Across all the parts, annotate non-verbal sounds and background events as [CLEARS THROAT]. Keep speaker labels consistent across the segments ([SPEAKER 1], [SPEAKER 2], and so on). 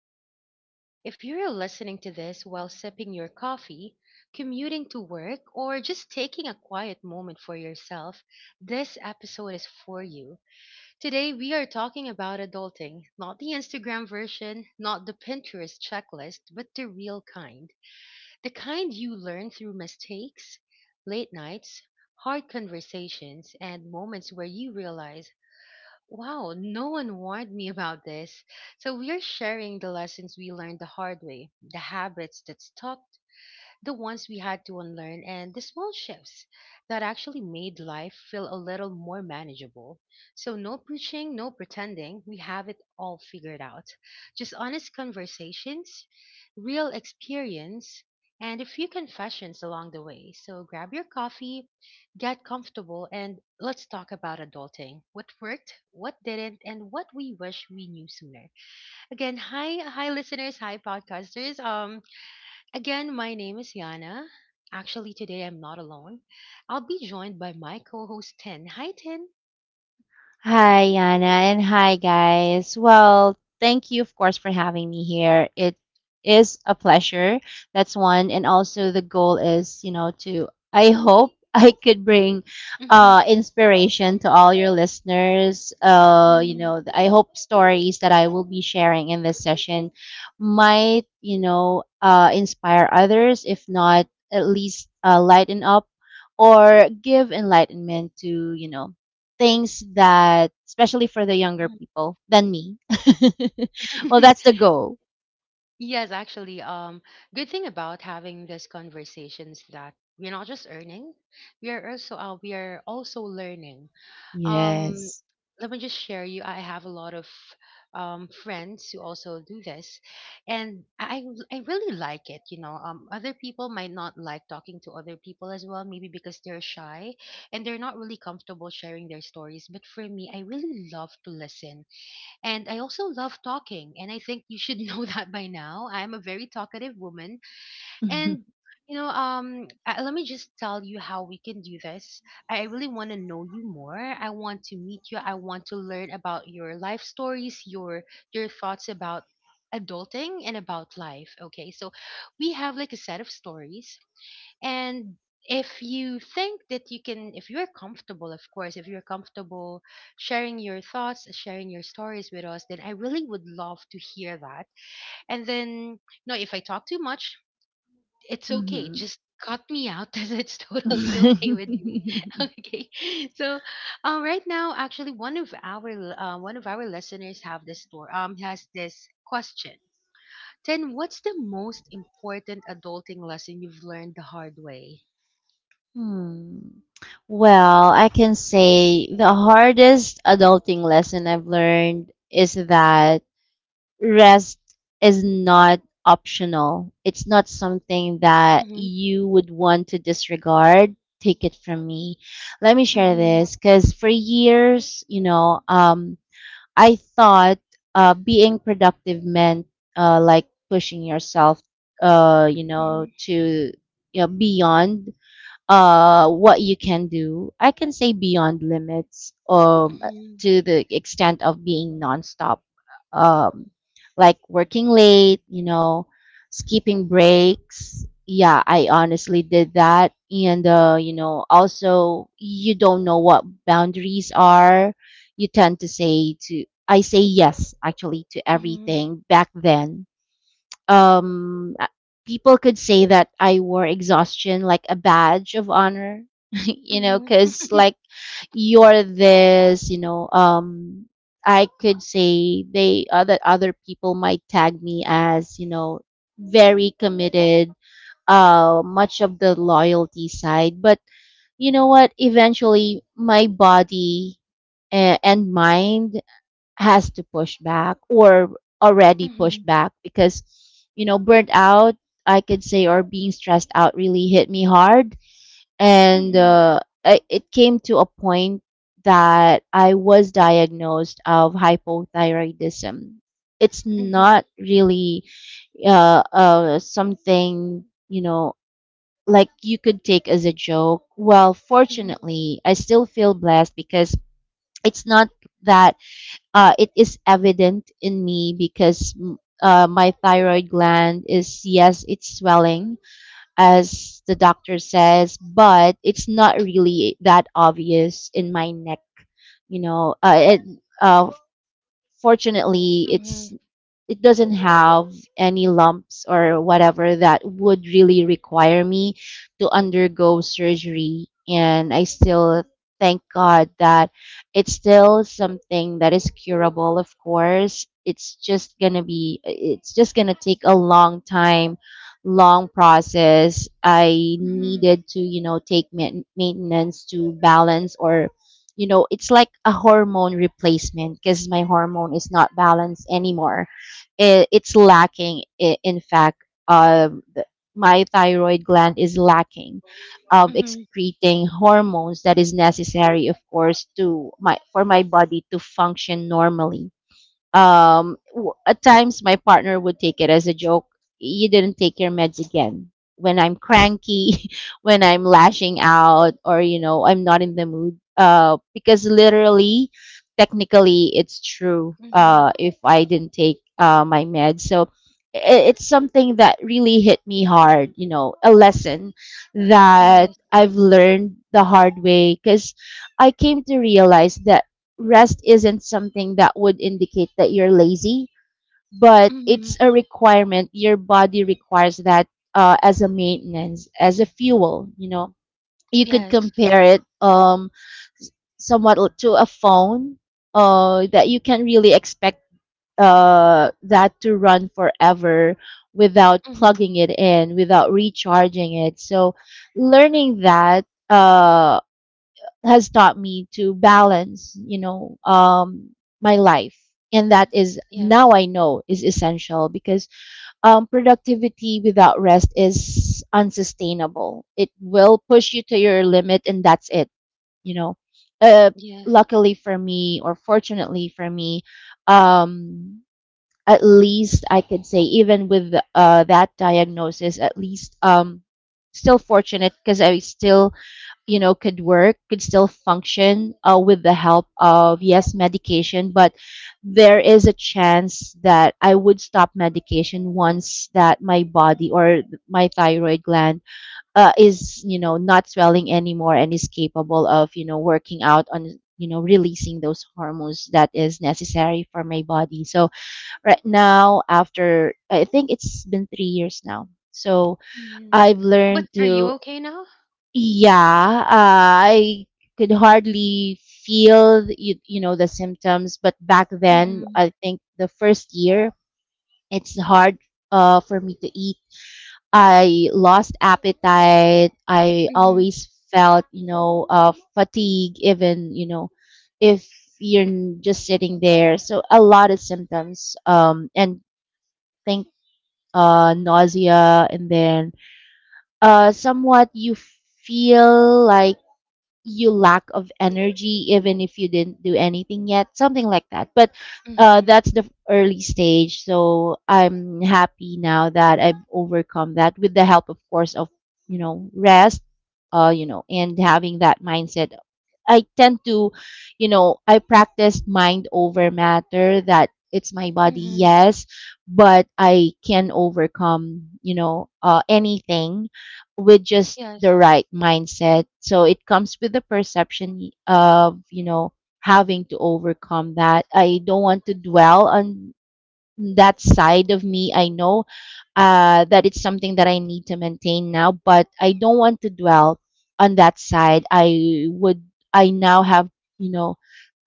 [SPEAKER 1] Confessions. If you're listening to this while sipping your coffee, commuting to work, or just taking a quiet moment for yourself, this episode is for you. Today we are talking about adulting, not the Instagram version, not the Pinterest checklist, but the real kind. The kind you learn through mistakes, late nights, hard conversations, and moments where you realize, wow, no one warned me about this. So we are sharing the lessons we learned the hard way, the habits that stuck, the ones we had to unlearn, and the small shifts that actually made life feel a little more manageable. So no preaching, no pretending we have it all figured out. Just honest conversations, real experience, and a few confessions along the way. So grab your coffee, get comfortable, and let's talk about adulting, what worked, what didn't, and what we wish we knew sooner. Again, hi, listeners, hi, podcasters. Again, my name is Yana. Actually, today I'm not alone. I'll be joined by my co-host Tin. Hi, Tin.
[SPEAKER 2] Hi, Yana, and hi, guys. Well, thank you, of course, for having me here. It is a pleasure. That's one. And also, the goal is, to, I hope [LAUGHS] I could bring
[SPEAKER 1] Mhm,
[SPEAKER 2] inspiration to all your listeners.
[SPEAKER 1] mhm,
[SPEAKER 2] I hope stories that I will be sharing in this session might, inspire others, if not, at least lighten up or give enlightenment to, you know, things that especially for the younger
[SPEAKER 1] mhm.
[SPEAKER 2] people than me. [LAUGHS] Well, that's the
[SPEAKER 1] [LAUGHS]
[SPEAKER 2] goal.
[SPEAKER 1] Yes, actually, good thing about having these conversations that we're not just earning, we are also learning. Um,
[SPEAKER 2] Yes. [LAUGHS]
[SPEAKER 1] let me just share you. I have a lot of friends who also do this, and I really like it. You know, other people might not like talking to other people as well, maybe because they're shy and they're not really comfortable sharing their stories. But for me, I really love to listen, and I also love talking. And I think you should [LAUGHS] know that by now. I'm a very talkative woman, and you know, let me just tell you how we can do this. I really want to know you more. I want to meet you. I want to learn about your life stories, your thoughts about adulting and about life. Okay, so we have like a set of stories, and if you think that you can, if you're comfortable, of course, if you're comfortable sharing your thoughts, sharing your stories with us, then I really would love to hear that. And then no, if I talk too much, it's okay.
[SPEAKER 2] Mhm.
[SPEAKER 1] Just cut me out [LAUGHS] because it's totally okay with me. [LAUGHS] Okay. So, right now, actually, one of our listeners have this store has this question. Then, what's the most important adulting lesson you've learned the hard way?
[SPEAKER 2] [LAUGHS] hmm. Well, I can say the hardest adulting lesson I've learned is that rest is not optional. It's not something that
[SPEAKER 1] Mhm.
[SPEAKER 2] you would want to disregard. Take it from me. Let me share
[SPEAKER 1] Mhm.
[SPEAKER 2] this because for years, I thought being productive meant like pushing yourself,
[SPEAKER 1] Mhm.
[SPEAKER 2] to you know beyond what you can do. I can say beyond limits,
[SPEAKER 1] Mhm.
[SPEAKER 2] to the extent of being nonstop, um, like working late, you know, skipping breaks. Yeah, I honestly did that, and you know, also you don't know what boundaries are. You tend to say to I say yes actually to
[SPEAKER 1] Mhm.
[SPEAKER 2] everything back then. um uh, People could say that I wore exhaustion like a badge of honor, [LAUGHS] you know,
[SPEAKER 1] Mhm.
[SPEAKER 2] because like you're this, I could say they other other people might tag me as you know very committed, much of the loyalty side. But you know what? Eventually, my body and mind has to push back, or already
[SPEAKER 1] Mhm.
[SPEAKER 2] pushed back, because you know burnt out I could say, or being stressed out really hit me hard. And
[SPEAKER 1] Mhm.
[SPEAKER 2] it came to a point that I was diagnosed of hypothyroidism. It's
[SPEAKER 1] Mhm.
[SPEAKER 2] not really something you know like you could take as a joke. Well,
[SPEAKER 1] Mhm.
[SPEAKER 2] fortunately I still feel blessed because it's not that it is evident in me because my thyroid gland is, yes, it's swelling, as the doctor says, but it's not really that obvious in my neck, you know uh, it, uh, fortunately.
[SPEAKER 1] Mhm.
[SPEAKER 2] It's it doesn't have any lumps or whatever that would really require me to undergo surgery, and I still thank God that it's still something that is curable. Of course, it's just gonna take a long time, long process. I
[SPEAKER 1] Mhm.
[SPEAKER 2] needed to you know take maintenance to balance, or you know it's like a hormone replacement because my hormone is not balanced anymore. It's lacking. In fact, my thyroid gland is lacking of
[SPEAKER 1] Mhm.
[SPEAKER 2] excreting hormones that is necessary, of course, to my for my body to function normally. At times my partner would take it as a joke. You didn't take your meds again, when I'm cranky, [LAUGHS] when I'm lashing out, or you know I'm not in the mood, because literally, technically it's true,
[SPEAKER 1] Mhm. [LAUGHS]
[SPEAKER 2] if I didn't take my meds. So I- it's something that really hit me hard, you know, a lesson that
[SPEAKER 1] Yes.
[SPEAKER 2] I've learned the hard way, because I came to realize that rest isn't something that would indicate that you're lazy, but it's
[SPEAKER 1] Mhm.
[SPEAKER 2] a requirement. Your body requires that, as a maintenance, as a fuel. You know, you could
[SPEAKER 1] Yes.
[SPEAKER 2] compare it, somewhat to a phone that you can really expect that to run forever without
[SPEAKER 1] Mhm.
[SPEAKER 2] plugging it in, without recharging it. So, learning that Uh, has taught me to balance, you know, my life. And that is now
[SPEAKER 1] Yes.
[SPEAKER 2] I know is essential, because productivity without rest is unsustainable. It will push you to your limit, and that's it. You know, uh,
[SPEAKER 1] Yes.
[SPEAKER 2] luckily for me, or fortunately for me, um, at least I could say, even with that diagnosis, at least still fortunate because I still you know could work, could still function, with the help of, yes, medication. But there is a chance that I would stop medication once that my body, or my thyroid gland, is you know not swelling anymore and is capable of you know working out on, you know, releasing those hormones that is necessary for my body. So right now, after I think it's been 3 years now, so
[SPEAKER 1] Mhm.
[SPEAKER 2] I've
[SPEAKER 1] But
[SPEAKER 2] learned
[SPEAKER 1] are you
[SPEAKER 2] to.
[SPEAKER 1] okay now?
[SPEAKER 2] Yeah, I could hardly feel you know, the symptoms, but back then,
[SPEAKER 1] Mhm.
[SPEAKER 2] I think the first year, it's hard for me to eat. I lost appetite. I
[SPEAKER 1] Mhm.
[SPEAKER 2] always felt, you know, fatigue, even, you know, if you're just sitting there. So a lot of symptoms, and think nausea, and then somewhat you feel like you lack of energy even if you didn't do anything yet, something like that. But
[SPEAKER 1] Mhm.
[SPEAKER 2] that's the early stage, so I'm happy now that I've overcome that with the help, of course, of you know rest, you know, and having that mindset. I tend to you know I practice mind over matter. That it's my body,
[SPEAKER 1] Mhm.
[SPEAKER 2] yes, but I can overcome you know anything with just the
[SPEAKER 1] Yes.
[SPEAKER 2] right mindset. So it comes with the perception of, you know, having to overcome that. I don't want to dwell on that side of me. I know that it's something that I need to maintain now, but I don't want to dwell on that side. I now have, you know,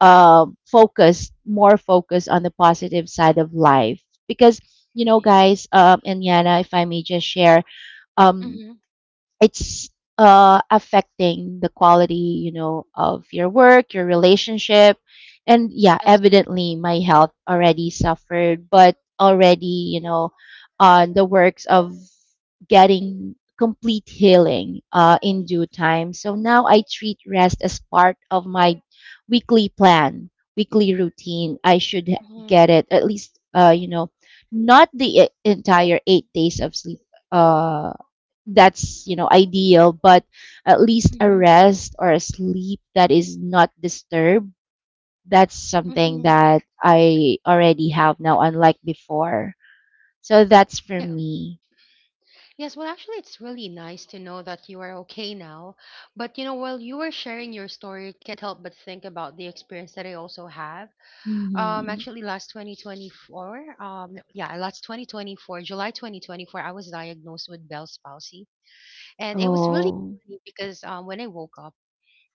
[SPEAKER 2] more focus on the positive side of life, because, you know,
[SPEAKER 1] Yes.
[SPEAKER 2] guys, and Yana, if I may just share, um,
[SPEAKER 1] Mhm.
[SPEAKER 2] it's affecting the quality, you know, of your work, your relationship, and yeah,
[SPEAKER 1] That's true.
[SPEAKER 2] evidently my health already suffered, but already you know on the works of getting complete healing in due time. So now I treat rest as part of my weekly plan weekly routine. I should
[SPEAKER 1] Mhm.
[SPEAKER 2] get it, at least you know, not the entire 8 days of sleep, uh that's you know ideal, but at least a
[SPEAKER 1] Mhm.
[SPEAKER 2] rest or a sleep that is not disturbed. That's something
[SPEAKER 1] Mhm.
[SPEAKER 2] that I already have now, unlike before. So that's for
[SPEAKER 1] Yeah.
[SPEAKER 2] me.
[SPEAKER 1] Yes, well actually it's really nice to know that you are okay now. But you know, while you were sharing your story, I can't help but think about the experience that I also have.
[SPEAKER 2] Mm-hmm.
[SPEAKER 1] Actually last 2024, July 2024, I was diagnosed with Bell's palsy and it was really
[SPEAKER 2] Oh.
[SPEAKER 1] funny because when I woke up,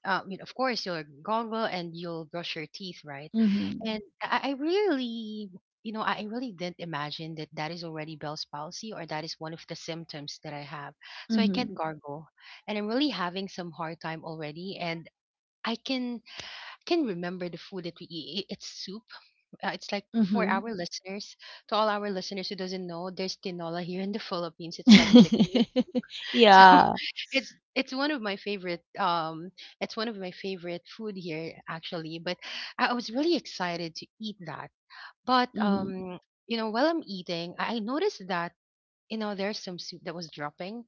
[SPEAKER 1] um, you know, of course you'll gargle and you'll brush your teeth, right?
[SPEAKER 2] Mm-hmm.
[SPEAKER 1] And I really, you know, I really didn't imagine that that is already Bell's palsy or that is one of the symptoms that I have. So I
[SPEAKER 2] Mm-hmm.
[SPEAKER 1] can't gargle, and I'm really having some hard time already. And I can remember the food that we eat. It's soup. It's like, for
[SPEAKER 2] Mm-hmm.
[SPEAKER 1] our listeners, to all our listeners who doesn't know, there's tinola here in the Philippines. It's like chicken with,
[SPEAKER 2] [LAUGHS]
[SPEAKER 1] so
[SPEAKER 2] Yeah.
[SPEAKER 1] [LAUGHS] it's one of my favorite it's one of my favorite food here actually, but I was really excited to eat that. But
[SPEAKER 2] Mm-hmm.
[SPEAKER 1] you know, while I'm eating, I noticed that, you know, there's some soup that was dropping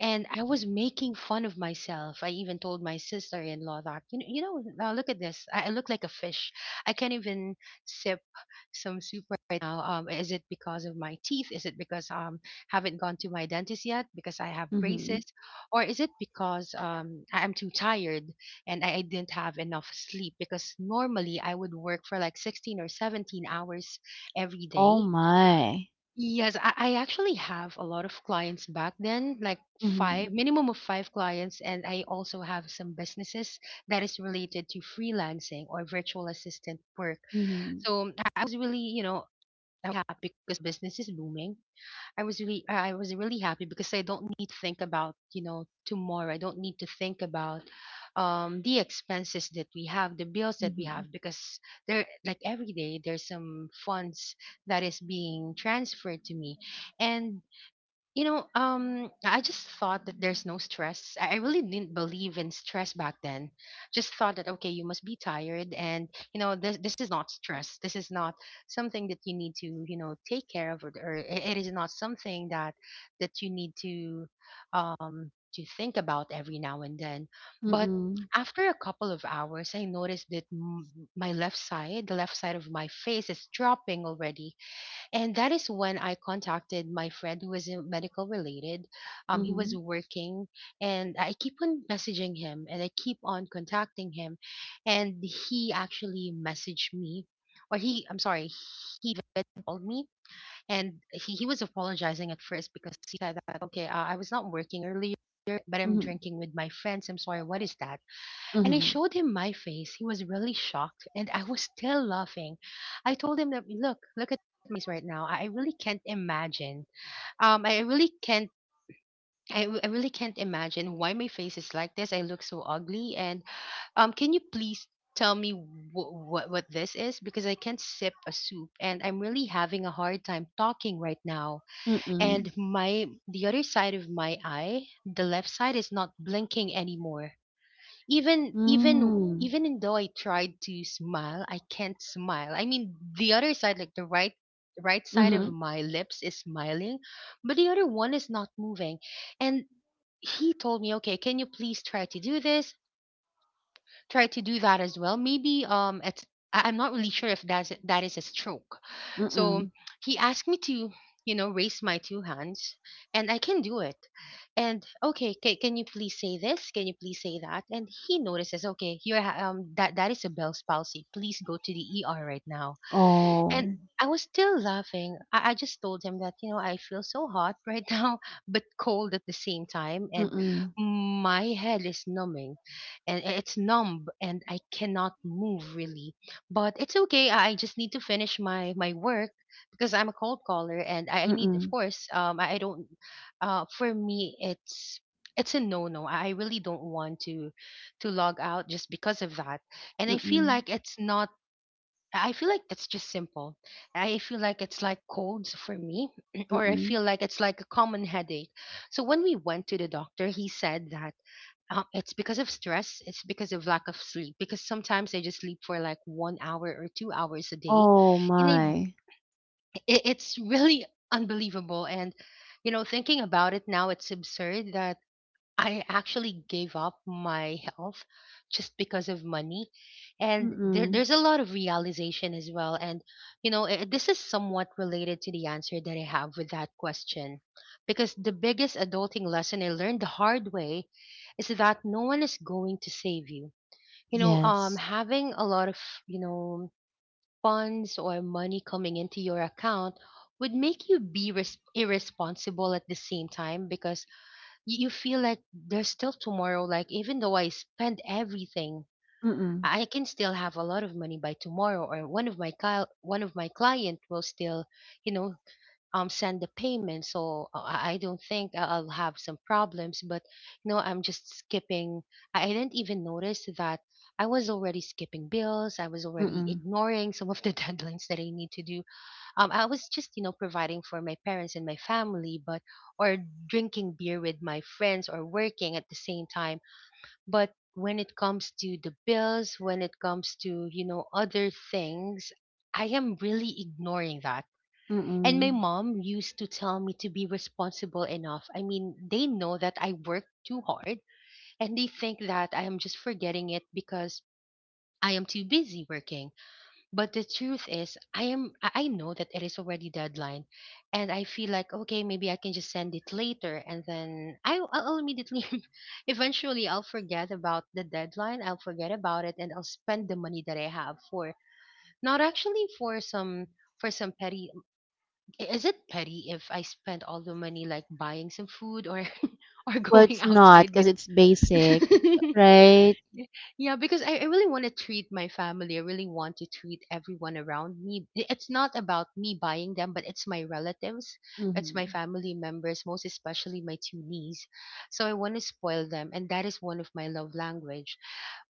[SPEAKER 1] and I was making fun of myself. I even told my sister-in-law that, you know, now look at this. I look like a fish. I can't even sip some soup right now. Is it because of my teeth? Is it because haven't gone to my dentist yet because I have
[SPEAKER 2] Mm-hmm.
[SPEAKER 1] braces, or is it because I'm too tired and I didn't have enough sleep? Because normally I would work for like 16 or 17 hours every
[SPEAKER 2] Oh
[SPEAKER 1] day.
[SPEAKER 2] my.
[SPEAKER 1] Yes, I actually have a lot of clients back then, like five,
[SPEAKER 2] Mm-hmm.
[SPEAKER 1] minimum of five clients. And I also have some businesses that is related to freelancing or virtual assistant work.
[SPEAKER 2] Mm-hmm.
[SPEAKER 1] So I was really, you know, I was happy because business is booming. I was really happy because I don't need to think about, you know, tomorrow. I don't need to think about the expenses that we have, the bills that we
[SPEAKER 2] Mm-hmm.
[SPEAKER 1] have, because there, like every day there's some funds that is being transferred to me, and you know, I just thought that there's no stress. I really didn't believe in stress back then. Just thought that, okay, you must be tired, and you know, this is not stress. This is not something that you need to, you know, take care of, or it is not something that you need to think about every now and then. But
[SPEAKER 2] Mm-hmm.
[SPEAKER 1] after a couple of hours, I noticed that my left side, the left side of my face, is dropping already and that is when I contacted my friend who was in medical related. He
[SPEAKER 2] Mm-hmm.
[SPEAKER 1] was working, and I keep on messaging him, and I keep on contacting him, and he actually messaged me, or he, I'm sorry, he called me, and he was apologizing at first because he said that, okay, I was not working earlier, but I'm
[SPEAKER 2] Mm-hmm.
[SPEAKER 1] drinking with my friends. I'm sorry, what is that? And I
[SPEAKER 2] Mm-hmm.
[SPEAKER 1] showed him my face. He was really shocked, and I was still laughing. I told him that, look, look at my face right now. I really can't imagine. I really can't. I really can't imagine why my face is like this. I look so ugly. And can you please tell me what this is? Because I can't sip a soup, and I'm really having a hard time talking right now. And my, the other side of my eye, the left side, is not blinking anymore even even
[SPEAKER 2] Mm-hmm.
[SPEAKER 1] even in though I tried to smile, I can't smile. I mean, the other side, like the right side
[SPEAKER 2] Mm-hmm.
[SPEAKER 1] of my lips is smiling, but the other one is not moving. And he told me, "Okay, can you please try to do this? Try to do that as well. Maybe it's, I'm not really sure if that is a stroke." So
[SPEAKER 2] Mm.
[SPEAKER 1] he asked me to, you know, raise my two hands and I can do it. And, okay, can you please say this? Can you please say that? And he notices, okay, that that is a Bell's palsy. Please go to the ER right now.
[SPEAKER 2] Oh.
[SPEAKER 1] And I was still laughing. I just told him that, you know, I feel so hot right [LAUGHS] now, but cold at the same time. And
[SPEAKER 2] Mm.
[SPEAKER 1] my head is numbing and it's numb and I cannot move really. But it's okay. I just need to finish my work because I'm a cold caller and I need, of
[SPEAKER 2] Mm.
[SPEAKER 1] course, I don't, for me, it's a no-no. I really don't want to log out just because of that. And I feel
[SPEAKER 2] Mm.
[SPEAKER 1] like it's not I feel like that's just simple. I feel like it's like colds for me, [CLEARS THROAT] or I
[SPEAKER 2] Mm.
[SPEAKER 1] feel like it's like a common headache. So when we went to the doctor, he said that it's because of stress, it's because of lack of sleep, because sometimes I just sleep for like 1 hour or 2 hours a day,
[SPEAKER 2] Oh
[SPEAKER 1] and
[SPEAKER 2] my.
[SPEAKER 1] it's really unbelievable. And you know, thinking about it now, it's absurd that I actually gave up my health just because of money. And
[SPEAKER 2] Mm.
[SPEAKER 1] there's a lot of realization as well. And, you know, eh, this is somewhat related to the answer that I have with that question. Because the biggest adulting lesson I learned the hard way is that no one is going to save you.
[SPEAKER 2] Yes.
[SPEAKER 1] Having a lot of, you know, funds or money coming into your account would make you be irresponsible at the same time, because you feel like there's still tomorrow. Like, even though I spend everything,
[SPEAKER 2] Mm.
[SPEAKER 1] I can still have a lot of money by tomorrow, or one of my client will still you know send the payment. So I don't think I'll have some problems, but you know, I'm just skipping. I didn't even notice that I was already skipping bills. I was already
[SPEAKER 2] Mm.
[SPEAKER 1] ignoring some of the [LAUGHS] deadlines that I need to do. I was just, providing for my parents and my family, but or drinking beer with my friends, or working at the same time. But when it comes to the bills, when it comes to, other things, I am really ignoring that. And my
[SPEAKER 2] Mm.
[SPEAKER 1] mom used to tell me to be responsible enough. I mean, they know that I work too hard, and they think that I am just forgetting it because I am too busy working. But the truth is, I am I know that it is already deadline, and I feel like, okay, maybe I can just send it later, and then I'll immediately, [LAUGHS] eventually, I'll forget about the deadline. I'll forget about it, and I'll spend the money that I have for, not actually, for some petty. Is it petty if I spend all the money, like buying some food or [LAUGHS] or
[SPEAKER 2] Well,
[SPEAKER 1] going
[SPEAKER 2] it's not,
[SPEAKER 1] outside
[SPEAKER 2] because
[SPEAKER 1] with?
[SPEAKER 2] it's basic,
[SPEAKER 1] [LAUGHS]
[SPEAKER 2] right?
[SPEAKER 1] Y- Yeah, because I really want to treat my family. I really want to treat everyone around me. It's not about me buying them, but it's my relatives, it's my
[SPEAKER 2] Mm-hmm.
[SPEAKER 1] family members, most especially my two niece. So I want to spoil them, and that is one of my love language.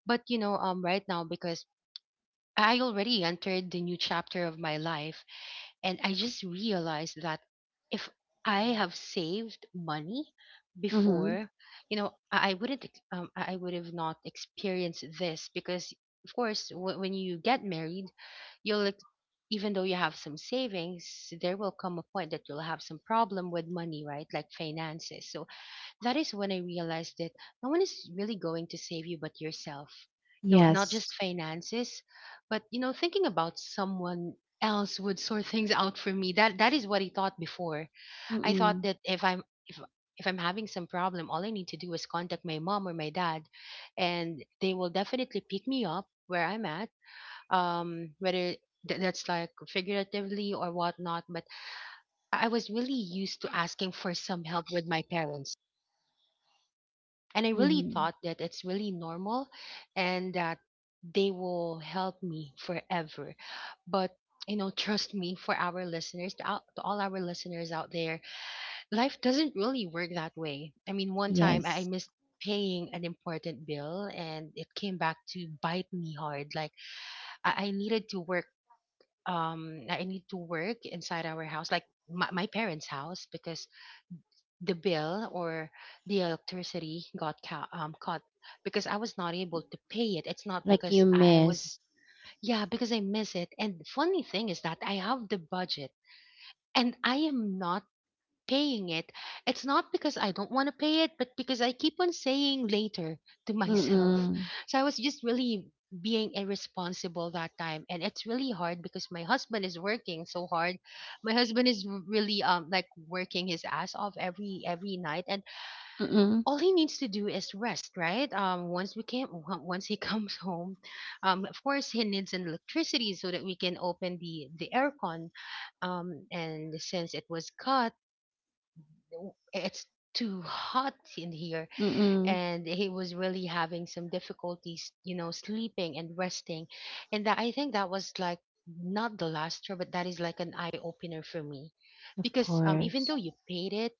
[SPEAKER 1] But right now, because I already entered the new chapter of my life, and I just realized that if I have saved money
[SPEAKER 2] Mm-hmm.
[SPEAKER 1] before, you know, I wouldn't, I would have not experienced this. Because, of course, when you get married, you'll, even though you have some savings, there will come a point that you'll have some problem with money, right? Like, finances. So that is when I realized that no one is really going to save you but yourself. No, not just
[SPEAKER 2] Yes.
[SPEAKER 1] finances, but you know, thinking about someone else would sort things [LAUGHS] out for me. That is what I thought before. I thought
[SPEAKER 2] Mm-mm.
[SPEAKER 1] that if I'm having some problem, all I need to do is contact my mom or my dad, and they will definitely pick me up where I'm at. Whether that's like figuratively or whatnot. But I was really used to asking for some help with my parents, and I really
[SPEAKER 2] Mm-hmm.
[SPEAKER 1] thought that it's really normal, and that they will help me forever. But you know, trust me, for our listeners, to all our listeners out there, life doesn't really work that way. I mean, one time I
[SPEAKER 2] Yes.
[SPEAKER 1] missed paying an important bill, and it came back to bite me hard. Like, I needed to work. I need to work inside our house, like my parents' house, because the bill or the electricity got cut, because I was not able to pay it. It's not
[SPEAKER 2] Like
[SPEAKER 1] because
[SPEAKER 2] you
[SPEAKER 1] I was,
[SPEAKER 2] miss.
[SPEAKER 1] yeah, because I miss it. And funny thing is that I have the budget and I am not paying it. It's not because I don't want to pay it, but because I keep on saying later to [LAUGHS] myself.
[SPEAKER 2] Mm-mm.
[SPEAKER 1] So I was just really being irresponsible that time, and it's really hard because my husband is working so hard. My husband is really like working his ass off every night, and
[SPEAKER 2] Mm-mm.
[SPEAKER 1] all he needs to do is rest, right? Once we came, on- Once he [LAUGHS] comes home, of course he needs an electricity so that we can open the aircon. And since it was cut, it's too hot in here,
[SPEAKER 2] Mm-mm.
[SPEAKER 1] and he was really having some difficulties, you know, sleeping and resting. And that, I think, that was like not the last year, but that is like an eye opener for me,
[SPEAKER 2] Of
[SPEAKER 1] because even
[SPEAKER 2] course.
[SPEAKER 1] though you paid it,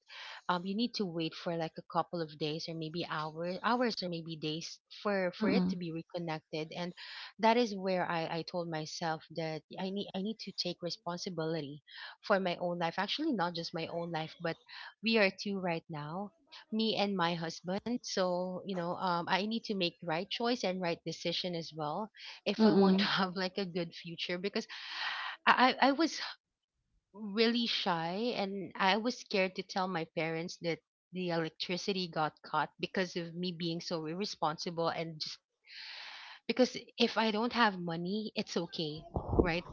[SPEAKER 1] you need to wait for like a couple of days, or maybe hours, or maybe days for it to
[SPEAKER 2] Mm-mm.
[SPEAKER 1] be reconnected. And that is where I told myself that I need to take responsibility for my own life. Actually, not just my own life, but we are two right now, me and my husband. So I need to make the right choice and right decision as well, if I want to
[SPEAKER 2] Mm-mm.
[SPEAKER 1] [LAUGHS] have like a good future. Because I was really shy, and I was scared to tell my parents that the electricity got caught because of me being so irresponsible. And just, because if I don't have money, it's okay, right?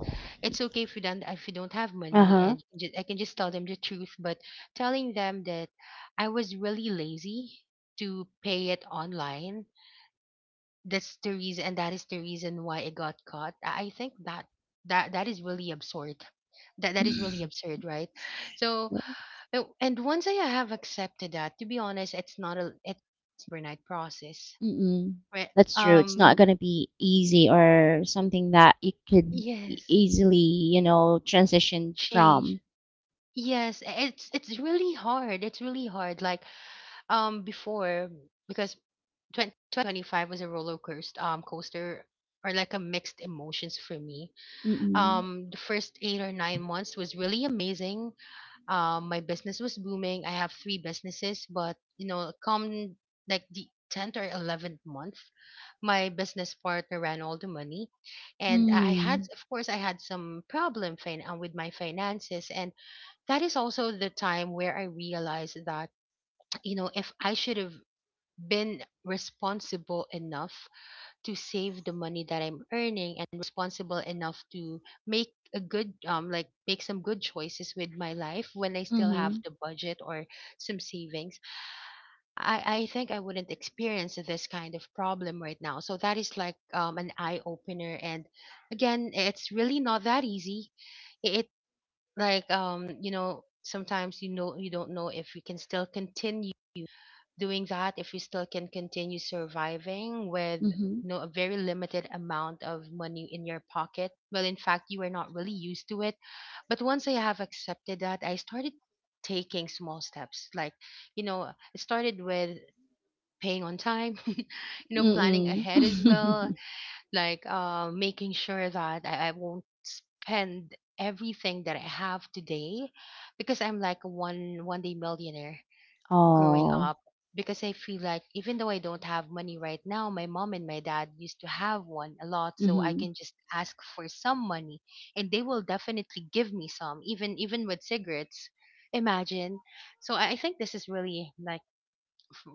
[SPEAKER 1] It's okay if you don't have money.
[SPEAKER 2] Uh-huh.
[SPEAKER 1] And I can just tell them the truth. But telling them that I was really lazy to pay it online, that's the reason, and that is the reason why it got caught. I think that that is really absurd. That is really
[SPEAKER 2] [LAUGHS]
[SPEAKER 1] absurd, right? So and once I have accepted that, to be honest, it's not a, it's overnight process.
[SPEAKER 2] Mm-mm.
[SPEAKER 1] Right?
[SPEAKER 2] That's true. It's not
[SPEAKER 1] Um.
[SPEAKER 2] gonna be easy, or something that you could
[SPEAKER 1] Yes.
[SPEAKER 2] easily, you know, transition
[SPEAKER 1] Change.
[SPEAKER 2] from.
[SPEAKER 1] Yes. It's really hard. It's really hard. Like, before, because 2025 was a roller coaster, or like a mixed emotions for me.
[SPEAKER 2] Mm-mm.
[SPEAKER 1] The first 8 or 9 months was really amazing. My business was booming. I have three businesses. But you know, come like the 10th or 11th month, my business partner ran all the money. And I had
[SPEAKER 2] Mm.
[SPEAKER 1] of course I had some problem, with my finances. And that is also the time where I realized that [TSK] you know, if I should have been responsible enough to save the money that I'm earning, and responsible enough to make a good like make some good choices with my life, when I still have
[SPEAKER 2] Mm-hmm.
[SPEAKER 1] the budget, or some savings. I think I wouldn't experience this kind of problem right now. So that is like an eye opener. And again, it's really not that easy. It, like, you know, sometimes, you know, you don't know if we can still continue doing that, if you still can continue surviving with
[SPEAKER 2] Mm-hmm.
[SPEAKER 1] no, a very limited amount of money in your pocket. Well, in fact, you are not really used to it. But once I have accepted that, I started taking small steps. Like, you know, it started with paying on time. [LAUGHS] You know, planning
[SPEAKER 2] Mm-mm.
[SPEAKER 1] ahead as well, like, making sure that I won't spend everything that I have today. Because I'm like a one day millionaire
[SPEAKER 2] [LAUGHS]
[SPEAKER 1] growing
[SPEAKER 2] Oh.
[SPEAKER 1] up. Because I feel like even though I don't have money right now, my mom and my dad used to have one a lot, so I
[SPEAKER 2] Mm-hmm.
[SPEAKER 1] can just ask for some money, and they will definitely give me some, even with cigarettes. Imagine. So I think this is really like f-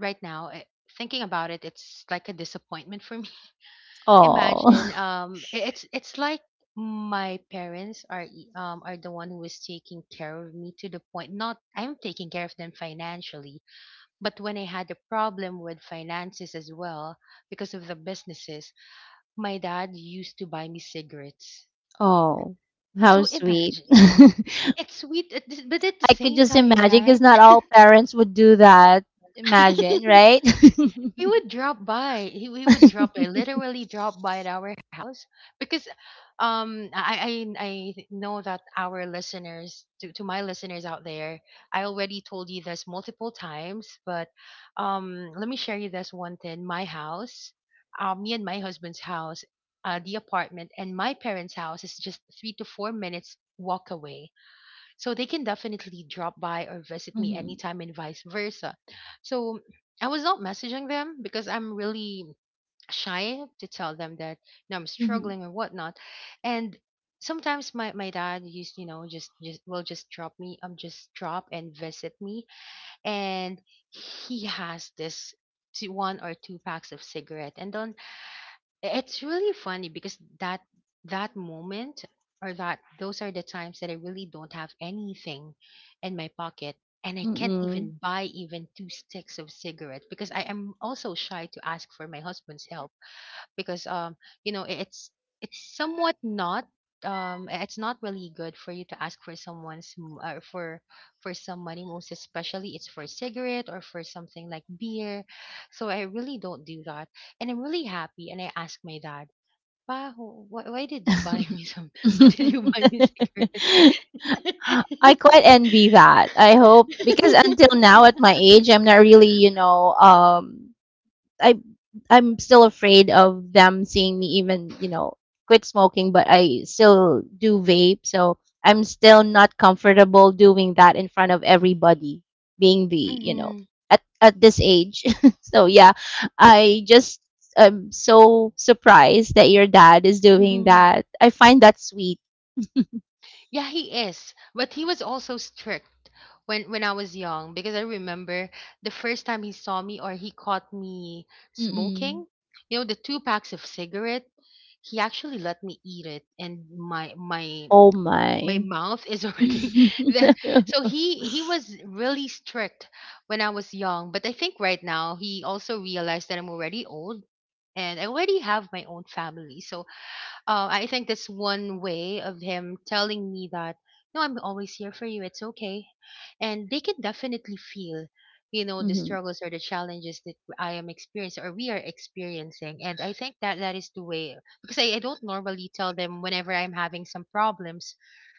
[SPEAKER 1] right now. Thinking about it, it's like a disappointment for me. [LAUGHS]
[SPEAKER 2] Oh.
[SPEAKER 1] Imagine,
[SPEAKER 2] [LAUGHS]
[SPEAKER 1] it's like my parents are the one who is taking care of me. To the point not I'm taking care of them financially, but when I had a problem with finances as well, because of the businesses, my dad used to buy me cigarettes.
[SPEAKER 2] Oh. How
[SPEAKER 1] So
[SPEAKER 2] sweet.
[SPEAKER 1] imagine,
[SPEAKER 2] [LAUGHS] I
[SPEAKER 1] it's sweet, but at the
[SPEAKER 2] could
[SPEAKER 1] same
[SPEAKER 2] just
[SPEAKER 1] time,
[SPEAKER 2] imagine, because
[SPEAKER 1] right?
[SPEAKER 2] not all parents would do that. Imagine,
[SPEAKER 1] [LAUGHS]
[SPEAKER 2] right? [LAUGHS]
[SPEAKER 1] He would drop by. He would drop by, literally
[SPEAKER 2] [LAUGHS]
[SPEAKER 1] drop by at our house, because I know that our listeners, to my listeners out there, I already told you this multiple times, but let me share you this one thing. My house, me and my husband's house, the apartment and my parents' house is just 3 to 4 minutes walk away. So they can definitely drop by or visit me
[SPEAKER 2] Mhm,
[SPEAKER 1] anytime, and vice versa. So I was not messaging them, because I'm really shy to tell them that, you know, I'm
[SPEAKER 2] mhm,
[SPEAKER 1] struggling or whatnot. And sometimes my dad used, you know, just will just drop me, just drop and visit me. And he has this one or two packs of cigarette. And on It's really funny, because that moment, or that, those are the times that I really don't have anything in my pocket, and I can't
[SPEAKER 2] mm.
[SPEAKER 1] even buy even two sticks of cigarette, because I am also shy to ask for my husband's help. Because you know, it's somewhat not, it's not really good for you to ask for for some money, most especially it's for cigarette or for something like beer. So I really don't do that. And I'm really happy, and I ask my dad, Pa, why did you buy me
[SPEAKER 2] [LAUGHS]
[SPEAKER 1] some? [LAUGHS] Why did you buy me cigarette?
[SPEAKER 2] I quite envy that. I hope, because
[SPEAKER 1] [LAUGHS]
[SPEAKER 2] until now at my age, I'm not really, I I'm still afraid of them seeing me, even, you know, quit smoking, but I still do vape. So I'm still not comfortable doing that in front of everybody, being the, you know, at this age. [LAUGHS] So yeah, I just am so surprised that your dad is doing
[SPEAKER 1] Hmm.
[SPEAKER 2] that. I find that sweet. [LAUGHS]
[SPEAKER 1] Yeah, he is. But he was also strict when I was young because I remember the first time he saw me or he caught me
[SPEAKER 2] Mm-mm.
[SPEAKER 1] smoking, the two packs of cigarette, he actually let me eat it, and my my
[SPEAKER 2] Oh
[SPEAKER 1] my
[SPEAKER 2] my.
[SPEAKER 1] mouth is
[SPEAKER 2] [LAUGHS]
[SPEAKER 1] already [LAUGHS] the- so
[SPEAKER 2] Mm-hmm.
[SPEAKER 1] he was really strict when I was young, but I think right now he also realized that I'm already old and I already have my own family. So I think that's one way of him telling me that, no, I'm always here for you. It's okay. And they can definitely feel, the struggles or the challenges that I am experiencing or we are experiencing. And I think that that is the way, because I don't normally tell them whenever I'm having some problems.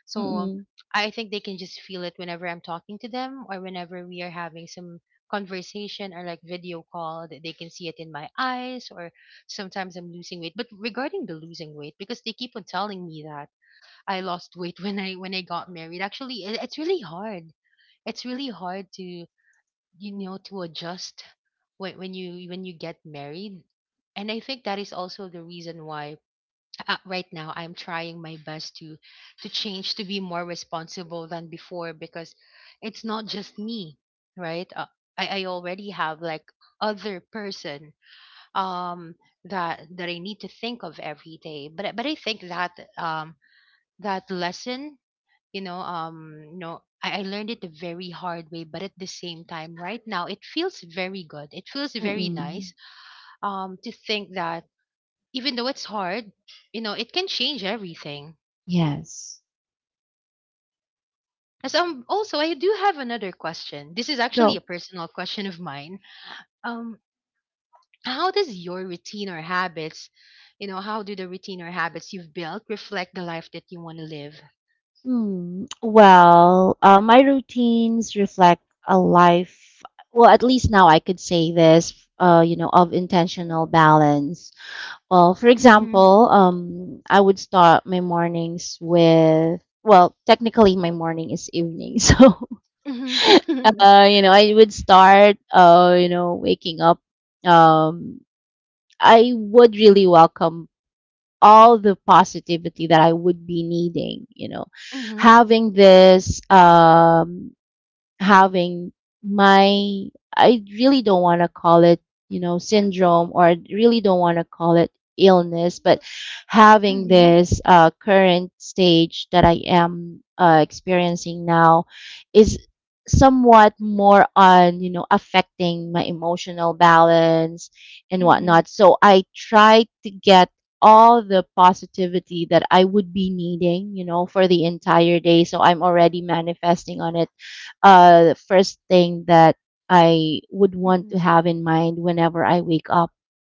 [SPEAKER 1] So
[SPEAKER 2] Mm-mm.
[SPEAKER 1] I think they can just feel it whenever I'm talking to them, or whenever we are having some conversation or like video call, that they can see it in my eyes, or sometimes I'm losing weight. But regarding the losing weight, because they keep on telling me that I lost weight [LAUGHS] when I got married. Actually, it's really hard. It's really hard to to adjust when you get married. And I think that is also the reason why right now I'm trying my best to change, to be more responsible than before, because it's not just me, right? I already have like other person, um that I need to think of every day. But I think that lesson, I learned it the very hard way, but at the same time, right now it feels very good. It feels very
[SPEAKER 2] Mm-mm.
[SPEAKER 1] nice to think that even though it's hard, it can change everything.
[SPEAKER 2] Yes.
[SPEAKER 1] As also, I do have another question. This is actually
[SPEAKER 2] Go.
[SPEAKER 1] a personal question of mine. Um. How does your routine or habits, how do the routine or habits you've built reflect the life that you want to live?
[SPEAKER 2] Hmm. Well, my routines reflect a life. Well, at least now I could say this, of intentional balance. Well, for
[SPEAKER 1] Mm-hmm.
[SPEAKER 2] example, I would start my mornings with, well, technically my morning is evening. [LAUGHS] So,
[SPEAKER 1] Mm-hmm.
[SPEAKER 2] I would start, waking up. Um, I would really welcome all the positivity that I would be needing, you know.
[SPEAKER 1] [LAUGHS] Mm-hmm.
[SPEAKER 2] Having this having my, I really don't want to call it, you know, syndrome, or I really don't want to call it illness, but having
[SPEAKER 1] Mm-hmm.
[SPEAKER 2] this current stage that I am experiencing now is somewhat more on, you know, affecting my emotional balance and
[SPEAKER 1] Mm-hmm.
[SPEAKER 2] whatnot. So I try to get all the positivity that I would be needing, you know, for the entire day. So I'm already manifesting on it, first thing that I would want
[SPEAKER 1] Mm-hmm.
[SPEAKER 2] to have in mind whenever I wake up,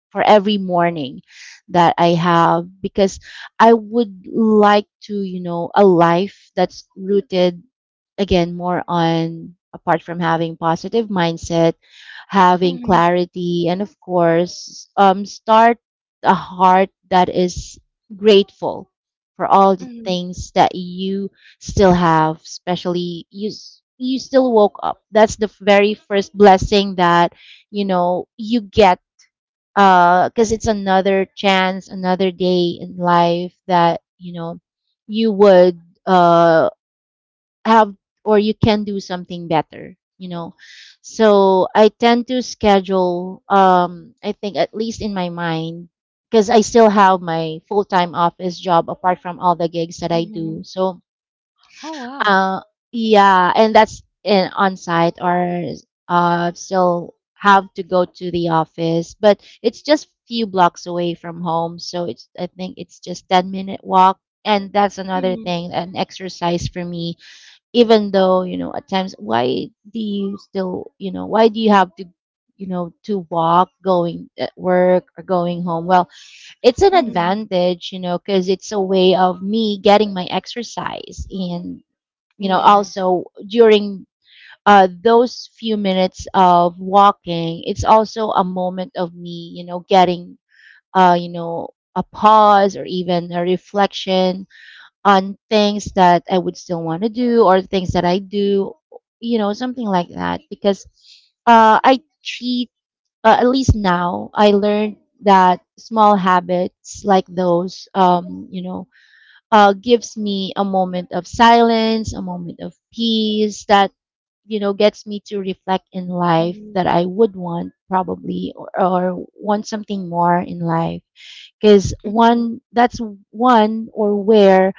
[SPEAKER 2] for every morning that I have, because I would like to, you know, a life that's rooted again more on, apart from having positive mindset, having clarity, and of course start a heart that is grateful for all the
[SPEAKER 1] Mm-hmm.
[SPEAKER 2] things that you still have, especially you you still woke up. That's the very first blessing that you know you get, because it's another chance, another day in life that you know you would, uh, have, or you can do something better. You know, so I tend to schedule. I think at least in my mind, because I still have my full time office job apart from all the gigs that I do.
[SPEAKER 1] Mm-hmm.
[SPEAKER 2] So
[SPEAKER 1] Oh wow.
[SPEAKER 2] uh, yeah, and that's in on site or still have to go to the office, but it's just few blocks away from home, so it's I think it's just 10-minute walk. And that's another
[SPEAKER 1] Mm-hmm.
[SPEAKER 2] thing, an exercise for me. Even though, you know, at times, why do you still, you know, why do you have to, to walk going at work or going home? Well, it's an
[SPEAKER 1] Mm-hmm.
[SPEAKER 2] advantage, you know, because it's a way of me getting my exercise and you know
[SPEAKER 1] Yes.
[SPEAKER 2] also during those few minutes of walking it's also a moment of me getting uh, you know a pause or even a reflection on things that I would still want to do or things that I do. Something like that, because I treat at least now I learned that small habits like those, gives me a moment of silence, a moment of peace that, you know, gets me to reflect in life
[SPEAKER 1] Mm-hmm.
[SPEAKER 2] that I would want probably or want something more in life. Because
[SPEAKER 1] Mm-hmm.
[SPEAKER 2] one, that's one or where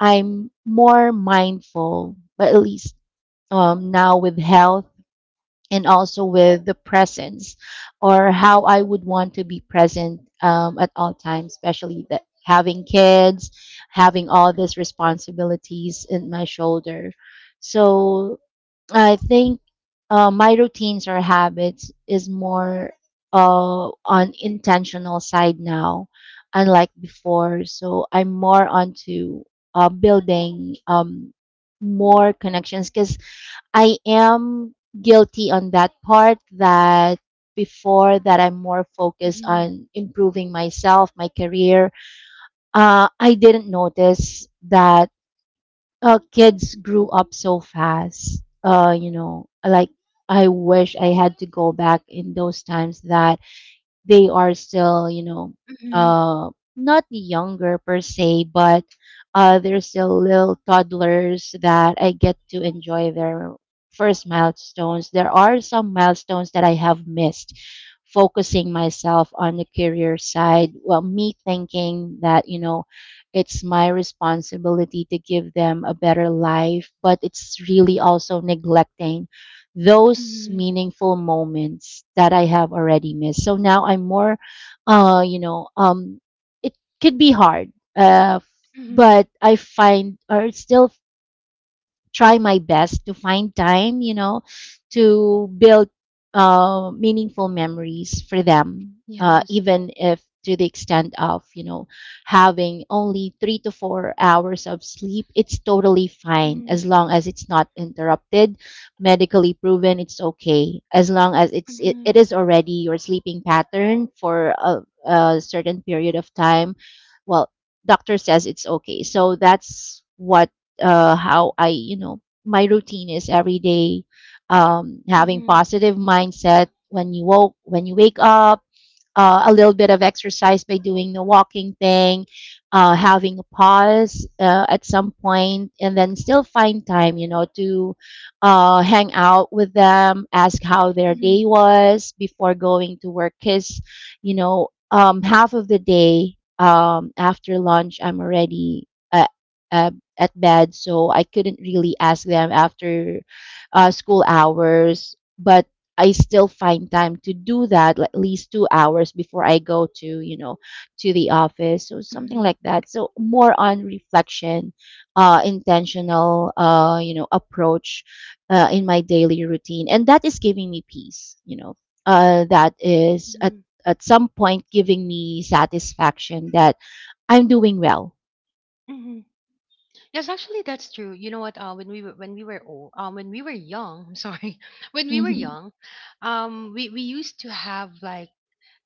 [SPEAKER 2] I'm more mindful, but at least now with health and also with the presence or how I would want to be present at all times, especially that having kids, having all these responsibilities in my shoulder. So I think my routines or habits is more on intentional side now, unlike before. So I'm more onto building, more connections because I am guilty on that part that before that I'm more focused
[SPEAKER 1] Mm-hmm.
[SPEAKER 2] on improving myself, my career. I didn't notice that kids grew up so fast. You know, like I wish I had to go back in those times that they are still, you know,
[SPEAKER 1] Mm-hmm.
[SPEAKER 2] uh, not younger per se, but they're still little toddlers that I get to enjoy their first milestones. There are some milestones that I have missed, focusing myself on the career side. Well, me thinking that, you know, it's my responsibility to give them a better life, but it's really also neglecting those
[SPEAKER 1] Mm-hmm.
[SPEAKER 2] meaningful moments that I have already missed. So now I'm more, uh, you know, um, it could be hard, uh, f-
[SPEAKER 1] Mm-hmm.
[SPEAKER 2] but I find or still try my best to find time, you know, to build meaningful memories for them,
[SPEAKER 1] Yes.
[SPEAKER 2] even if to the extent of, you know, having only 3 to 4 hours of sleep, it's totally fine
[SPEAKER 1] Mm-hmm.
[SPEAKER 2] as long as it's not interrupted. Medically proven, it's okay as long as it's it,
[SPEAKER 1] Mm-hmm.
[SPEAKER 2] it is already your sleeping pattern for a certain period of time. Well, doctor says it's okay. So that's what how I, you know, my routine is every day, having
[SPEAKER 1] Mm-hmm.
[SPEAKER 2] positive mindset when you woke when you wake up, a little bit of exercise by doing the walking thing, having a pause at some point, and then still find time, you know, to hang out with them, ask how their
[SPEAKER 1] Mm-hmm.
[SPEAKER 2] day was before going to work, because you know, half of the day, after lunch I'm already. uh, at bed, so I couldn't really ask them after school hours. But I still find time to do that, like, at least 2 hours before I go to, you know, to the office, so something
[SPEAKER 1] Mm-hmm.
[SPEAKER 2] like that. So more on reflection, intentional, you know, approach in my daily routine, and that is giving me peace. You know, that is at some point giving me satisfaction that I'm doing well.
[SPEAKER 1] Mm-hmm. Yes, actually, that's true. You know what? When we were old, when we were young, I'm sorry, [LAUGHS] when we were
[SPEAKER 2] Mhm.
[SPEAKER 1] young, we used to have like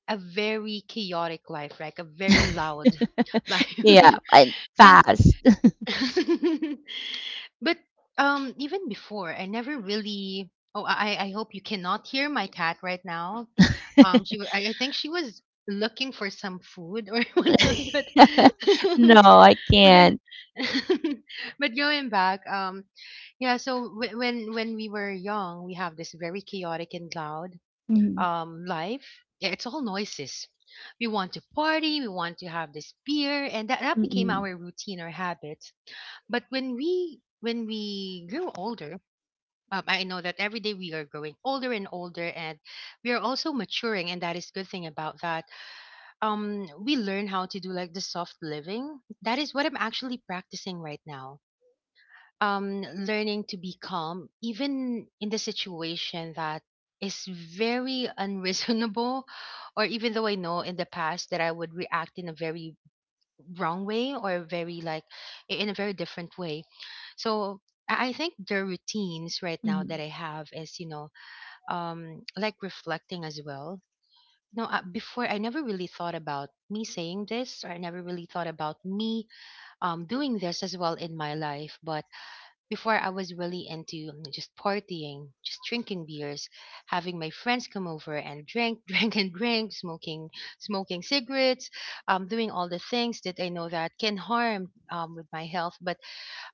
[SPEAKER 1] a very chaotic life, like a very loud
[SPEAKER 2] [LAUGHS]
[SPEAKER 1] [LAUGHS]
[SPEAKER 2] Yeah,
[SPEAKER 1] life,
[SPEAKER 2] and
[SPEAKER 1] and
[SPEAKER 2] fast. [LAUGHS]
[SPEAKER 1] [LAUGHS] but even before, I never really. Oh, I hope you cannot hear my cat right now. I think she was looking for some food or [LAUGHS] whatnot, but [LAUGHS]
[SPEAKER 2] No, I
[SPEAKER 1] well,
[SPEAKER 2] can't.
[SPEAKER 1] [LAUGHS] but going back, yeah. So when we were young, we have this very chaotic and loud
[SPEAKER 2] Mhm,
[SPEAKER 1] life. Yeah, it's all noises. We want to party. We want to have this beer, and that became
[SPEAKER 2] mm,
[SPEAKER 1] our routine or habits. But when we grew older. I know that every day we are growing older and older, and we are also maturing, and that is good thing about that. We learn how to do like the soft living. That is what I'm actually practicing right now, learning to be calm, even in the situation that is very unreasonable, [LAUGHS] or even though I know in the past that I would react in a very wrong way, or very like in a very different way. So I think the routines right now
[SPEAKER 2] mm,
[SPEAKER 1] that I have is, like, reflecting as well. No, before I never really thought about me saying this, or I never really thought about me doing this as well in my life. But before I was really into, just partying, just drinking beers, having my friends come over and drink, [LAUGHS] drink and drink, smoking, smoking cigarettes, doing all the things that I know that can harm, with my health. But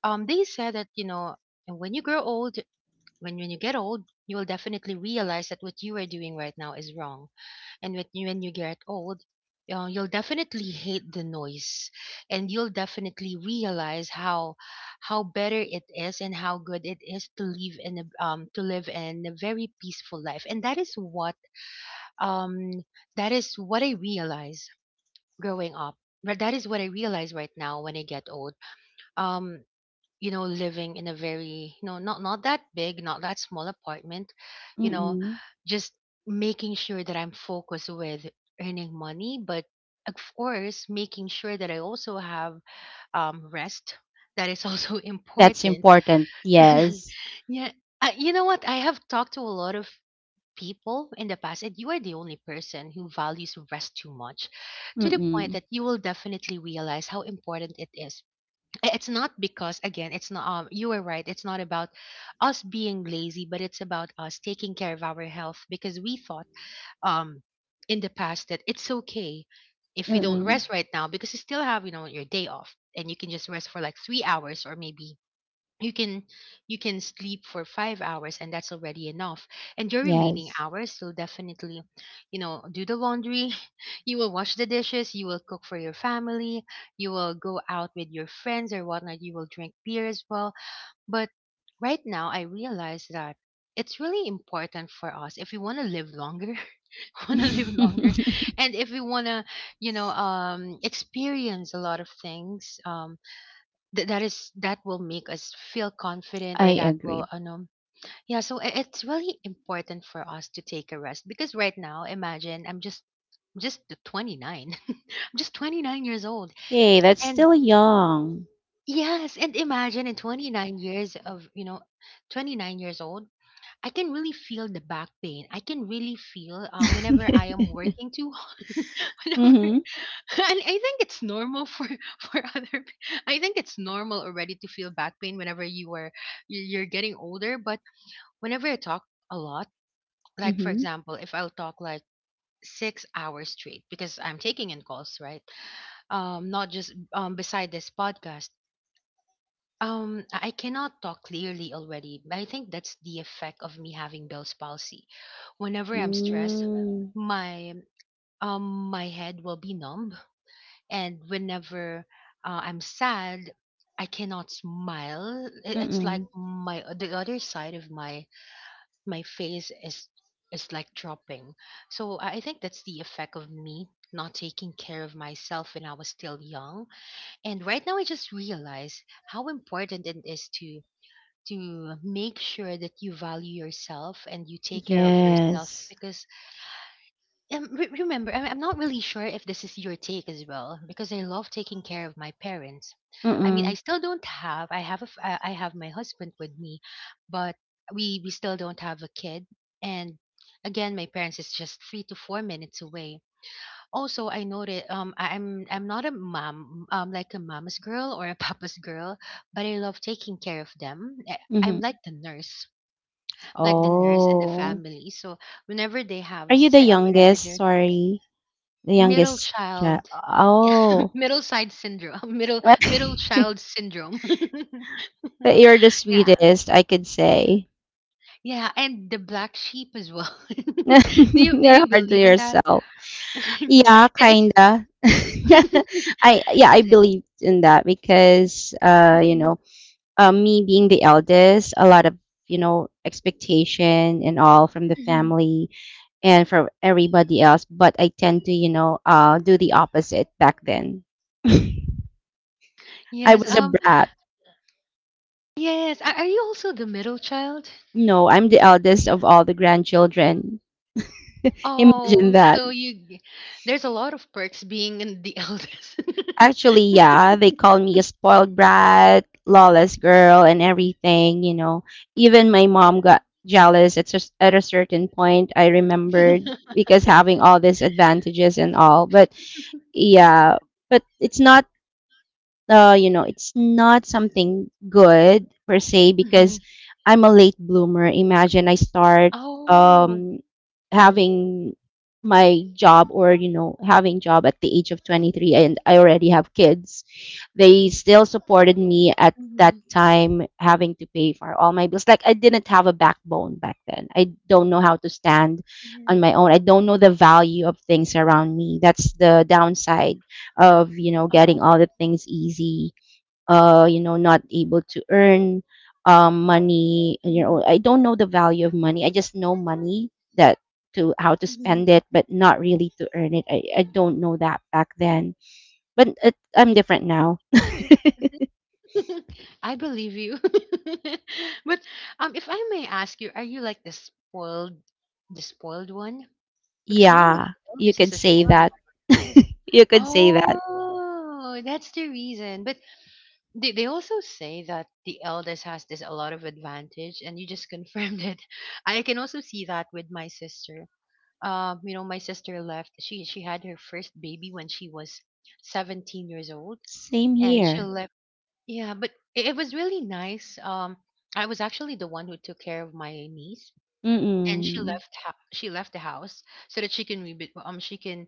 [SPEAKER 1] they said that, when you grow old, when you get old, you will definitely realize that what you are doing right now is wrong, and when you get old, you'll definitely hate the noise, and you'll definitely realize how better it is, and how good it is to live in a very peaceful life, and that is what um I realized growing up. But that is what I realize right now when I get old, um living in a very, not that big, not that small apartment, you know
[SPEAKER 2] mm.
[SPEAKER 1] just making sure that I'm focused with earning money, but of course making sure that I also have rest, that is also [LAUGHS]
[SPEAKER 2] That's
[SPEAKER 1] important.
[SPEAKER 2] important.
[SPEAKER 1] [LAUGHS]
[SPEAKER 2] Yes.
[SPEAKER 1] Yeah. You know what, I have talked to a lot of people in the past, and you are the only person who values rest too much, to the point
[SPEAKER 2] Mm,
[SPEAKER 1] that you will definitely realize how important it is. It's not, because again, it's not, you were right, it's not about us being lazy, but it's about us taking care of our health, because we thought, um in the past, that it's okay if we don't
[SPEAKER 2] mm.
[SPEAKER 1] rest right now, because you still have, your day off, and you can just rest for like 3 hours, or maybe you can you can sleep for 5 hours, and that's already enough, and your remaining
[SPEAKER 2] Yes.
[SPEAKER 1] hours you'll definitely, do the laundry, [LAUGHS] you will wash the dishes, you will cook for your family, you will go out with your friends or whatnot, you will drink beer as well. But right now I realize that it's really important for us if we want to live longer, [LAUGHS] want to live longer,
[SPEAKER 2] [LAUGHS]
[SPEAKER 1] and if we want to experience a lot of things, that will make us feel confident, or
[SPEAKER 2] I
[SPEAKER 1] that will
[SPEAKER 2] agree.
[SPEAKER 1] yeah, so it's really important for us to take a rest, because right now, imagine, I'm just the 29, [LAUGHS] I'm just 29 years old.
[SPEAKER 2] Hey, that's
[SPEAKER 1] And
[SPEAKER 2] still young. [LAUGHS]
[SPEAKER 1] yes, and imagine in 29 years of, 29 years old, I can really feel the back pain, I can really feel, whenever I am working too [LAUGHS] hard, whenever
[SPEAKER 2] Mm-hmm.
[SPEAKER 1] [LAUGHS] and I think it's normal for [LAUGHS] for other. I think it's normal already to feel back pain whenever you're getting older. But whenever I talk a lot, like for
[SPEAKER 2] Mm-hmm.
[SPEAKER 1] example, if I'll talk like 6 hours straight because I'm taking in calls, right? Not just beside this podcast. I cannot talk clearly already. I think that's the effect of me having Bell's palsy. Whenever I'm stressed,
[SPEAKER 2] Mm.
[SPEAKER 1] my um my head will be numb, and whenever I'm sad, I cannot smile.
[SPEAKER 2] hmm mm hmm
[SPEAKER 1] It's
[SPEAKER 2] mm
[SPEAKER 1] like
[SPEAKER 2] mm.
[SPEAKER 1] my the other side of my face is like dropping. So I think that's the effect of me not taking care of myself when I was still young. And right now, I just realize how important it is to make sure that you value yourself and you take care of yourself,
[SPEAKER 2] Yes.
[SPEAKER 1] because remember, I'm not really sure if this is your take as well, because I love taking care of my parents. I mean, I
[SPEAKER 2] Mm-mm.
[SPEAKER 1] still don't have. I have a. f- I have my husband with me, but we still don't have a kid. And again, my parents is just 3 to 4 minutes away. Also, I noted. I'm not a mom, like a mama's girl or a [LAUGHS] papa's girl, but I love taking care of them. I'm
[SPEAKER 2] Mm-hmm.
[SPEAKER 1] like the nurse and the
[SPEAKER 2] Oh.
[SPEAKER 1] family. So whenever they have
[SPEAKER 2] Are
[SPEAKER 1] a
[SPEAKER 2] you the
[SPEAKER 1] sick, whenever
[SPEAKER 2] youngest?
[SPEAKER 1] they're sick.
[SPEAKER 2] Sorry. The
[SPEAKER 1] Middle
[SPEAKER 2] youngest child.
[SPEAKER 1] child. [LAUGHS] Yeah.
[SPEAKER 2] Oh.
[SPEAKER 1] Middle side syndrome. [LAUGHS] Middle
[SPEAKER 2] [LAUGHS]
[SPEAKER 1] child syndrome. [LAUGHS]
[SPEAKER 2] But you're the
[SPEAKER 1] Yeah,
[SPEAKER 2] sweetest, I could say.
[SPEAKER 1] yeah, and the black sheep as well. [LAUGHS] do
[SPEAKER 2] [LAUGHS]
[SPEAKER 1] you do
[SPEAKER 2] You're
[SPEAKER 1] you
[SPEAKER 2] hard to
[SPEAKER 1] believe in that?
[SPEAKER 2] yourself.
[SPEAKER 1] [LAUGHS]
[SPEAKER 2] Yeah,
[SPEAKER 1] It's,
[SPEAKER 2] kinda. [LAUGHS]
[SPEAKER 1] [LAUGHS]
[SPEAKER 2] I yeah, I
[SPEAKER 1] it's.
[SPEAKER 2] believed in that because you
[SPEAKER 1] Mhm.
[SPEAKER 2] know, me being the eldest, a lot of you know expectation and all from the
[SPEAKER 1] Mhm.
[SPEAKER 2] family and from everybody else. But I tend to you know do the opposite back then. [LAUGHS] I
[SPEAKER 1] Yes,
[SPEAKER 2] was a brat.
[SPEAKER 1] yes, are you also the middle child?
[SPEAKER 2] No, I'm the eldest of all the grandchildren.
[SPEAKER 1] Oh,
[SPEAKER 2] Imagine that.
[SPEAKER 1] there's a lot of perks being in the [LAUGHS] eldest.
[SPEAKER 2] Actually, yeah, they call me a spoiled brat, lawless girl, and everything, you know. Even my mom got jealous at, at a certain point, I remembered,
[SPEAKER 1] [LAUGHS]
[SPEAKER 2] because having all these advantages and all. But yeah, but it's not you know, it's not something good per se
[SPEAKER 1] Mhm.
[SPEAKER 2] because I'm a late bloomer. Imagine I start,
[SPEAKER 1] Oh,
[SPEAKER 2] um, having my job or you know having job at the age of 23 and I already have kids. They still supported me at that
[SPEAKER 1] mhm,
[SPEAKER 2] time having to pay for all my bills. Like I didn't have a backbone back then. I don't know how to stand on
[SPEAKER 1] mhm.
[SPEAKER 2] my own. I don't know the value of things around me. That's the downside of you know
[SPEAKER 1] Oh,
[SPEAKER 2] getting all the things easy, you know not able to earn, money, you know
[SPEAKER 1] mhm,
[SPEAKER 2] I don't know the value of money, I just know money that to how to
[SPEAKER 1] mhm.
[SPEAKER 2] spend it but not really to earn it, I don't know that back then but I'm different now.
[SPEAKER 1] [LAUGHS] I believe you. [LAUGHS] But if I may ask you, are you like the spoiled one? Because normally
[SPEAKER 2] Yeah,
[SPEAKER 1] the
[SPEAKER 2] you
[SPEAKER 1] eldest is
[SPEAKER 2] could
[SPEAKER 1] a
[SPEAKER 2] say
[SPEAKER 1] spoiled
[SPEAKER 2] that.
[SPEAKER 1] one.
[SPEAKER 2] [LAUGHS] You could say that.
[SPEAKER 1] Oh, that's the reason. But they also say that the eldest has this a lot of advantage, and you just confirmed it. [LAUGHS] I can also see that with my sister. My sister left. She had her first baby when she was 17 years old,
[SPEAKER 2] Same
[SPEAKER 1] and she
[SPEAKER 2] here.
[SPEAKER 1] left. Yeah, but it was really nice. I was actually the one who took care of my niece, and
[SPEAKER 2] Mm-mm.
[SPEAKER 1] she left the house so that she can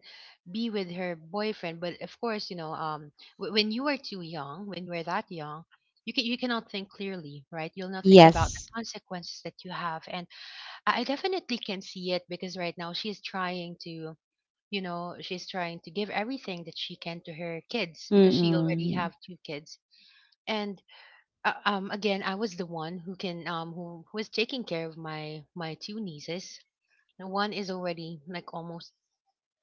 [SPEAKER 1] be with her boyfriend. But of course, w when you are too young, when you are that young, you cannot think clearly, right? You'll not think about the
[SPEAKER 2] Yes.
[SPEAKER 1] consequences that you have, and I definitely can see it because right now she's trying to. You know, she's trying to give everything that she can to her kids because she already
[SPEAKER 2] Mm-mm.
[SPEAKER 1] have two kids. And again, I was the one who was taking care of my two nieces. The one is already like almost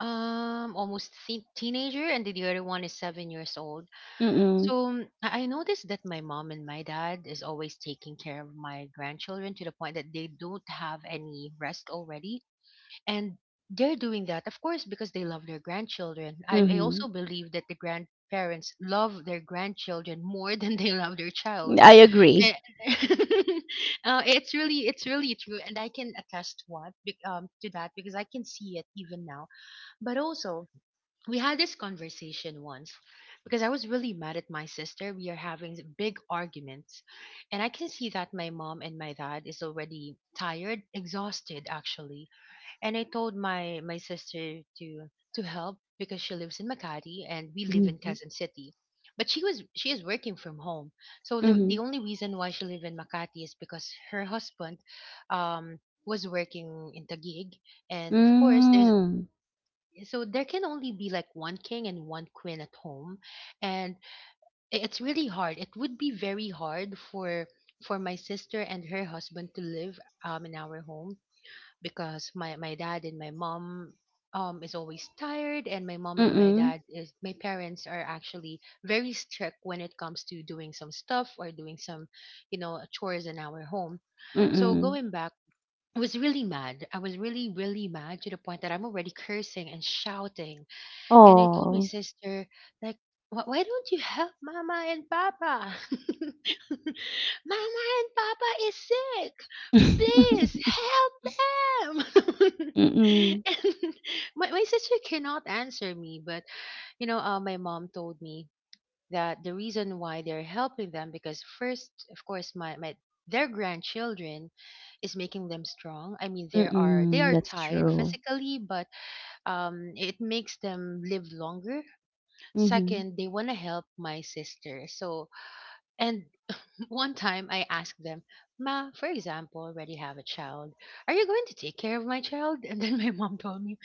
[SPEAKER 1] um almost th- teenager, and the other one is 7 years old,
[SPEAKER 2] Mm-mm.
[SPEAKER 1] so I noticed that my mom and my dad is always taking care of my grandchildren to the point that they don't have any rest already. And they're doing that of course because they love their grandchildren. I
[SPEAKER 2] Mm-hmm.
[SPEAKER 1] also believe that the grandparents love their grandchildren more [LAUGHS] than they love their child.
[SPEAKER 2] I agree.
[SPEAKER 1] Eh, [LAUGHS] it's really true, and I can attest to that because I can see it even now. But also, we had this conversation once because I was really mad at my sister. We are having big arguments, and I can see that my mom and my dad is already tired, exhausted actually. And I told my sister to help because she lives in Makati and we live in
[SPEAKER 2] Mm-hmm.
[SPEAKER 1] Quezon City. But she is working from home, so the
[SPEAKER 2] Mm-hmm.
[SPEAKER 1] the only reason why she live in Makati is because her husband, um, was working in Taguig, and of course there's
[SPEAKER 2] Hmm,
[SPEAKER 1] so there can only be like one king and one queen at home, and it's really hard. It would be very hard for my sister and her husband to live in our home because my dad and my mom is always tired. And my mom and my
[SPEAKER 2] mm,
[SPEAKER 1] dad is my parents are actually very strict when it comes to doing some stuff or doing some chores in our home. So
[SPEAKER 2] mm.
[SPEAKER 1] going back, I was really mad. I was really, really mad to the point that I'm already cursing and shouting. And I told my
[SPEAKER 2] Oh.
[SPEAKER 1] sister, like, "Why don't you help Mama and Papa? [LAUGHS] Mama and Papa is sick, please
[SPEAKER 2] [LAUGHS]
[SPEAKER 1] help them." [LAUGHS]
[SPEAKER 2] Mm,
[SPEAKER 1] And my sister cannot answer me, but you know, my mom told me that the reason why they're helping them, because first of course, my their grandchildren is making them strong. I mean, they are they
[SPEAKER 2] mm,
[SPEAKER 1] are
[SPEAKER 2] that's
[SPEAKER 1] tired
[SPEAKER 2] true.
[SPEAKER 1] physically, but it makes them live longer.
[SPEAKER 2] Mhm.
[SPEAKER 1] Second, they want to help my sister, so and one time I asked them, Ma, for example, already have a child. Are you going to take care of my child? And then my mom told me,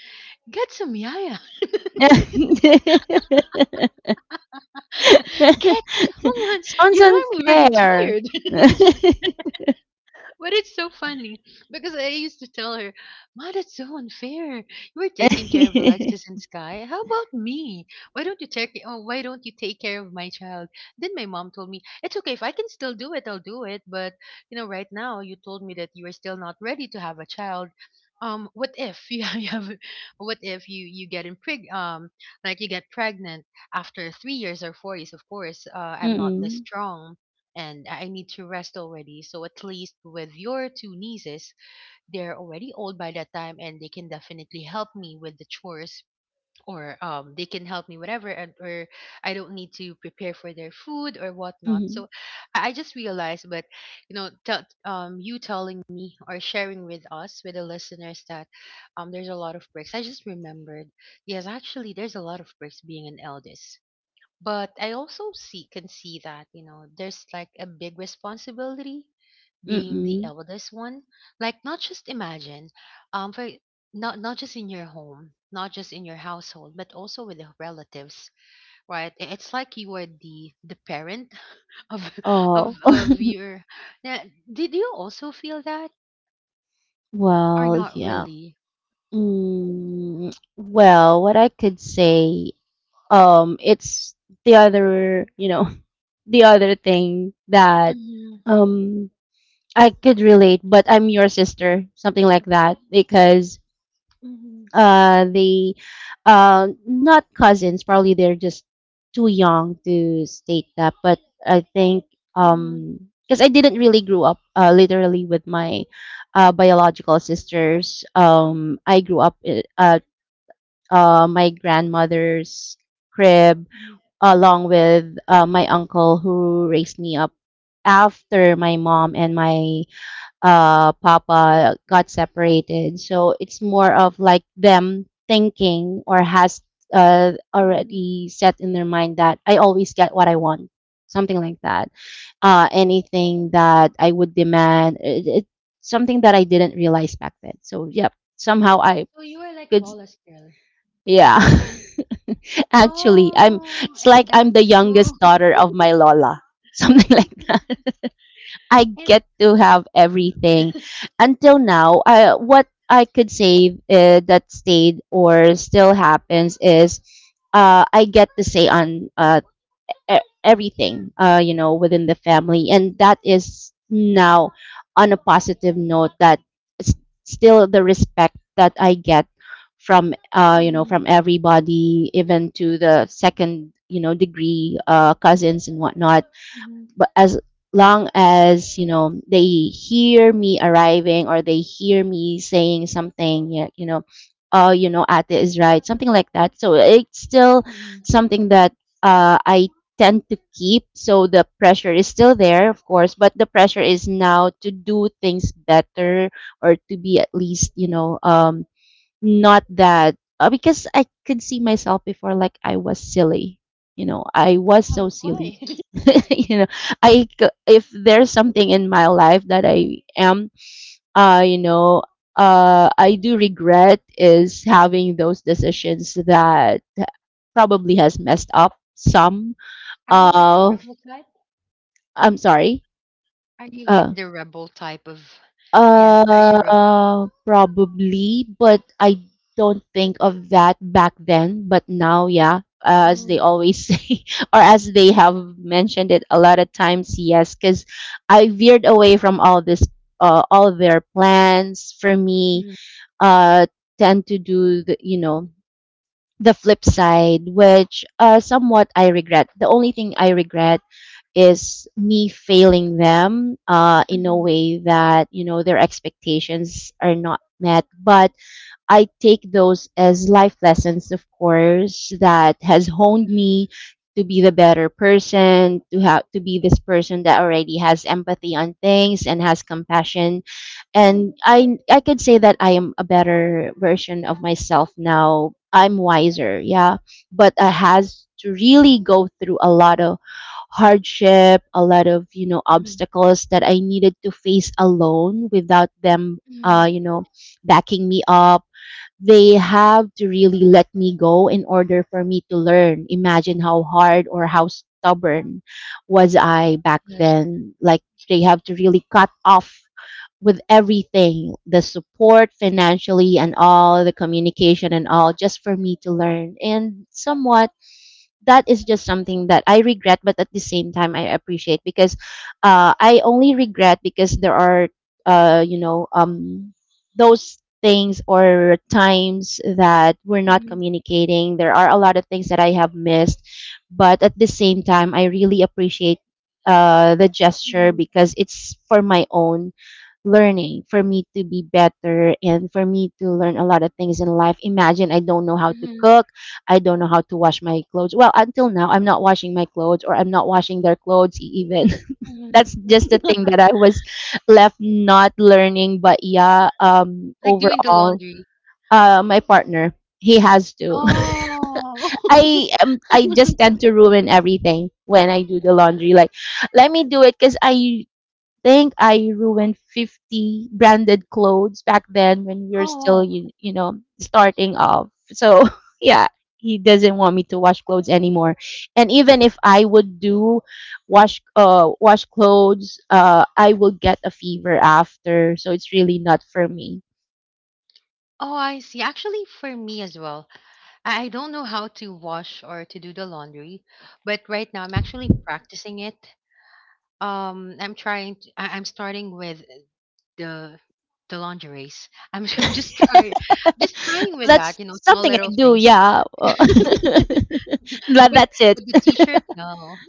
[SPEAKER 1] Get some yaya.
[SPEAKER 2] [LAUGHS]
[SPEAKER 1] [LAUGHS] Get someone.
[SPEAKER 2] Sounds
[SPEAKER 1] You know, I'm already
[SPEAKER 2] unfair.
[SPEAKER 1] tired.
[SPEAKER 2] [LAUGHS]
[SPEAKER 1] But it's so funny because I used to tell her, Ma, that's so unfair. You're taking care of Alexis and Sky. How about me? Why don't you take oh, why don't you take care of my child? Then my mom told me, It's okay, if I can still do it, I'll do it. But you know, right now you told me that you are still not ready to have a child. What if [LAUGHS] you have what if you you get impreg like you get pregnant after 3 years or 4 years? Of course, I'm not this
[SPEAKER 2] Mm,
[SPEAKER 1] strong, and I need to rest already. So at least with your two nieces, they're already old by that time, and they can definitely help me with the chores, or they can help me whatever, and or I don't need to prepare for their food or whatnot.
[SPEAKER 2] mhm,
[SPEAKER 1] So I just realized, but you know, tell you telling me or sharing with us, with the listeners, that there's a lot of perks. I just remembered, yes, actually, there's a lot of perks being an eldest, but I also see can see that you know there's like a big responsibility being the
[SPEAKER 2] mm.
[SPEAKER 1] eldest one. Like not just imagine, for not not just in your home, not just in your household, but also with the relatives, right? It's like you are the parent [LAUGHS] of
[SPEAKER 2] Oh. [LAUGHS]
[SPEAKER 1] your. Yeah, did you also feel that, or
[SPEAKER 2] Well,
[SPEAKER 1] not
[SPEAKER 2] yeah.
[SPEAKER 1] really?
[SPEAKER 2] Mm, well, what I could say, it's the other, you know, the other thing that
[SPEAKER 1] Mm-hmm,
[SPEAKER 2] um I could relate, but I'm your sister, something like that, because
[SPEAKER 1] mm-hmm.
[SPEAKER 2] they not cousins, probably they're just too young to state that, but I think,
[SPEAKER 1] Mm-hmm.
[SPEAKER 2] because I didn't really grow up literally with my biological sisters. I grew up at my grandmother's crib along with my uncle who raised me up after my mom and my papa got separated. So it's more of like them thinking or has
[SPEAKER 1] Mm-hmm.
[SPEAKER 2] already set in their mind that I always get what I want, something like that. Anything that I would demand, something that I didn't realize back then. So, yep, somehow I
[SPEAKER 1] So you were like
[SPEAKER 2] could,
[SPEAKER 1] Wallace girl.
[SPEAKER 2] yeah. [LAUGHS] Actually, I'm
[SPEAKER 1] Oh,
[SPEAKER 2] it's like
[SPEAKER 1] and that
[SPEAKER 2] I'm the
[SPEAKER 1] show.
[SPEAKER 2] youngest daughter of my
[SPEAKER 1] [LAUGHS]
[SPEAKER 2] Lola. [LAUGHS] Something like that. I
[SPEAKER 1] And
[SPEAKER 2] get to have everything. Until now, what I could say, that stayed or still happens is I get to stay on, everything you know within the family and that is now on a positive note that s- still the respect that I get from you know
[SPEAKER 1] mhm,
[SPEAKER 2] from everybody even to the second you know degree cousins and whatnot
[SPEAKER 1] mhm,
[SPEAKER 2] but as long as you know they hear me arriving or they hear me saying something, you know, oh you know ate is right, something like that, so it's still
[SPEAKER 1] mhm.
[SPEAKER 2] something that I tend to keep, so the pressure is still there of course but the pressure is now to do things better or to be at least you know, not that because I could see myself before like I was silly. You know, I was
[SPEAKER 1] Oh,
[SPEAKER 2] so silly.
[SPEAKER 1] why? [LAUGHS]
[SPEAKER 2] [LAUGHS] You know, if there's something in my life that I am uh you know I do regret is having those decisions that probably has messed up some
[SPEAKER 1] Are you like the
[SPEAKER 2] of
[SPEAKER 1] rebel type?
[SPEAKER 2] I'm sorry.
[SPEAKER 1] Are you like
[SPEAKER 2] uh,
[SPEAKER 1] the rebel type of? Yes. Are you rebel?
[SPEAKER 2] Probably, but I don't think of that back then. But now, yeah, as they
[SPEAKER 1] Oh.
[SPEAKER 2] always [LAUGHS] say, or as they have mentioned it a lot of times, yes, because I veered away from all this, all their plans for me.
[SPEAKER 1] Mhm,
[SPEAKER 2] Uh, Tend to do the, you know, the flip side, which somewhat I regret. The only thing I regret is me failing them in a
[SPEAKER 1] mhm,
[SPEAKER 2] way that you know their expectations are not met but I take those as life lessons of course that has honed me to be the better person to have to be this person that already has empathy on things and has compassion and I could say that I am a better version of myself now. I'm wiser, yeah, but I has to really go through a lot of hardship, a lot of you know
[SPEAKER 1] mhm,
[SPEAKER 2] obstacles that I needed to face alone without them,
[SPEAKER 1] mhm.
[SPEAKER 2] you know, backing me up. They have to really let me go in order for me to learn. Imagine how hard or how stubborn was I back
[SPEAKER 1] Yes.
[SPEAKER 2] then. They have to really cut off with everything, the support financially and all the communication and all, just for me to learn. And somewhat that is just something that I regret, but at the same time I appreciate because I only regret because there are uh, you know um, those things or times that we're not
[SPEAKER 1] Mhm,
[SPEAKER 2] communicating, there are a lot of things that I have missed. But at the same time I really appreciate the gesture
[SPEAKER 1] mhm,
[SPEAKER 2] because it's for my own learning, for me to be better and for me to learn a lot of things in life. Imagine, I don't know how to
[SPEAKER 1] mhm,
[SPEAKER 2] cook, I don't know how to wash my clothes. Well, until now, I'm not washing my clothes or I'm not washing their clothes even. [LAUGHS]
[SPEAKER 1] mhm.
[SPEAKER 2] That's just the thing
[SPEAKER 1] [LAUGHS]
[SPEAKER 2] that I was left not learning. But yeah,
[SPEAKER 1] Like doing the
[SPEAKER 2] overall,
[SPEAKER 1] laundry.
[SPEAKER 2] my partner, he has to. [LAUGHS]
[SPEAKER 1] Oh.
[SPEAKER 2] I am. I just
[SPEAKER 1] [LAUGHS]
[SPEAKER 2] tend to ruin everything when I do the laundry. Like, let me do it because I think I ruined 50 branded clothes back then when we were still,
[SPEAKER 1] Oh,
[SPEAKER 2] you know, starting off. So, [LAUGHS] yeah, he doesn't want me to wash clothes anymore. And even if I would do wash clothes, I will get a fever after. So it's really not for me.
[SPEAKER 1] oh, I see. Actually, for me as well, I don't know how to wash or to do the laundry, but right now I'm actually practicing it. I'm trying. I'm starting with the the lingeries. I'm, [LAUGHS] I'm just trying,
[SPEAKER 2] [LAUGHS]
[SPEAKER 1] just trying with
[SPEAKER 2] That's
[SPEAKER 1] that. You know, small
[SPEAKER 2] something I
[SPEAKER 1] little
[SPEAKER 2] do,
[SPEAKER 1] things.
[SPEAKER 2] yeah. [LAUGHS]
[SPEAKER 1] [LAUGHS] but
[SPEAKER 2] That's it.
[SPEAKER 1] but the t-shirt, no,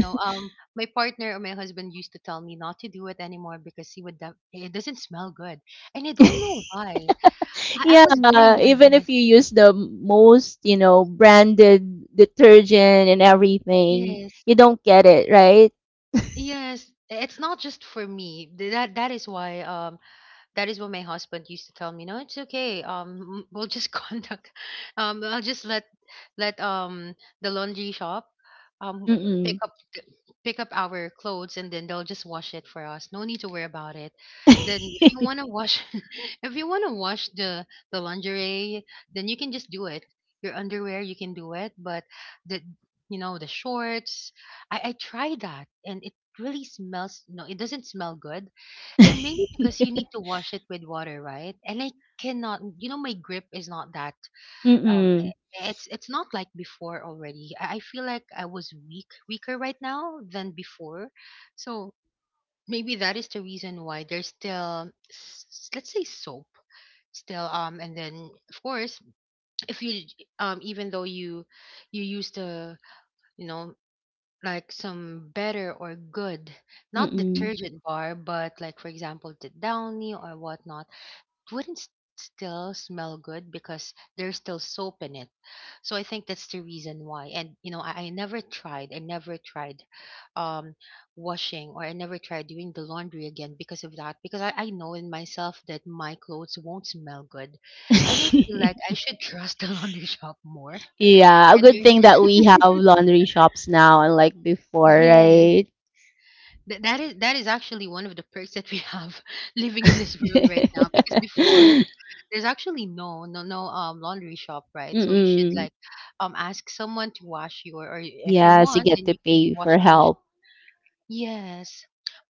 [SPEAKER 1] no. My partner or my husband used to tell me not to do it anymore because it doesn't smell good, and I don't know why. I
[SPEAKER 2] Yeah,
[SPEAKER 1] was doing my
[SPEAKER 2] even if
[SPEAKER 1] best.
[SPEAKER 2] you use the most, you know, branded detergent and everything,
[SPEAKER 1] Yes,
[SPEAKER 2] you don't get it, right?
[SPEAKER 1] yes. It's not just for me. That is why. That is what my husband used to tell me. No, it's okay. We'll just [LAUGHS] conduct. I'll just let the laundry shop um pick
[SPEAKER 2] Mm-mm.
[SPEAKER 1] up th- pick up our clothes, and then they'll just wash it for us. No need to worry about it.
[SPEAKER 2] [LAUGHS]
[SPEAKER 1] Then if you want to wash, [LAUGHS] if you want to wash the lingerie, then you can just do it. Your underwear, you can do it. But the you know the shorts, I tried that and it really smells. No, it doesn't smell good, and maybe because you need to wash it with water, right? And I cannot, you know, my grip is not that. Um,
[SPEAKER 2] Mm-mm.
[SPEAKER 1] it's not like before already. I feel like I was weaker right now than before. So maybe that is the reason why there's still, let's say, soap still. And then of course, if you even though you use the, you know, like some better or good not
[SPEAKER 2] Mm-mm.
[SPEAKER 1] detergent bar, but like for example, the Downy or whatnot wouldn't still smell good because there's still soap in it. So I think that's the reason why. And you know, I never tried. I never tried um washing, or I never tried doing the laundry again because of that. Because I know in myself that my clothes won't smell good. And I feel like I
[SPEAKER 2] [LAUGHS]
[SPEAKER 1] should [LAUGHS] trust the laundry shop more.
[SPEAKER 2] Yeah, a
[SPEAKER 1] And
[SPEAKER 2] good thing that we have laundry shops now, unlike
[SPEAKER 1] [LAUGHS]
[SPEAKER 2] before,
[SPEAKER 1] yes.
[SPEAKER 2] right?
[SPEAKER 1] That is actually one of the perks that we have [LAUGHS] living in this world right
[SPEAKER 2] [LAUGHS]
[SPEAKER 1] now, because before there's actually no laundry shop, right? So you should
[SPEAKER 2] Mm-mm.
[SPEAKER 1] like ask someone to wash your, or if you
[SPEAKER 2] Yes, you
[SPEAKER 1] want,
[SPEAKER 2] get
[SPEAKER 1] then
[SPEAKER 2] to
[SPEAKER 1] you can be
[SPEAKER 2] pay for
[SPEAKER 1] washing machine.
[SPEAKER 2] help.
[SPEAKER 1] Yes,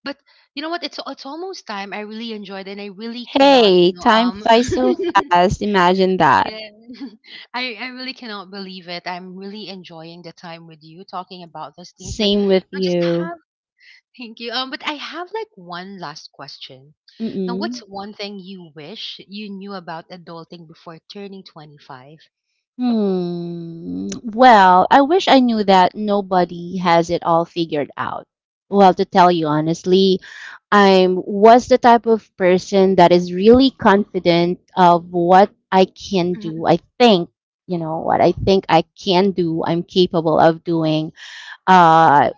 [SPEAKER 1] but you know what, it's almost time. I really enjoyed, and I really cannot
[SPEAKER 2] Hey, time flies so fast.
[SPEAKER 1] [LAUGHS]
[SPEAKER 2] Imagine that.
[SPEAKER 1] yeah [LAUGHS] I really cannot believe it. I'm really enjoying the time with you talking about these things, but
[SPEAKER 2] Same with
[SPEAKER 1] we're just.
[SPEAKER 2] you.
[SPEAKER 1] Thank you. But I have like one last question. Now, what's
[SPEAKER 2] Mm-mm.
[SPEAKER 1] one thing you wish you knew about adulting before turning 25?
[SPEAKER 2] Hmm. Well, I wish I knew that nobody has it all figured out. Well, to tell you honestly, I was the type of person that is really confident of what I can
[SPEAKER 1] Mhm,
[SPEAKER 2] do. I think, you know, what I think I can do, I'm capable of doing. uh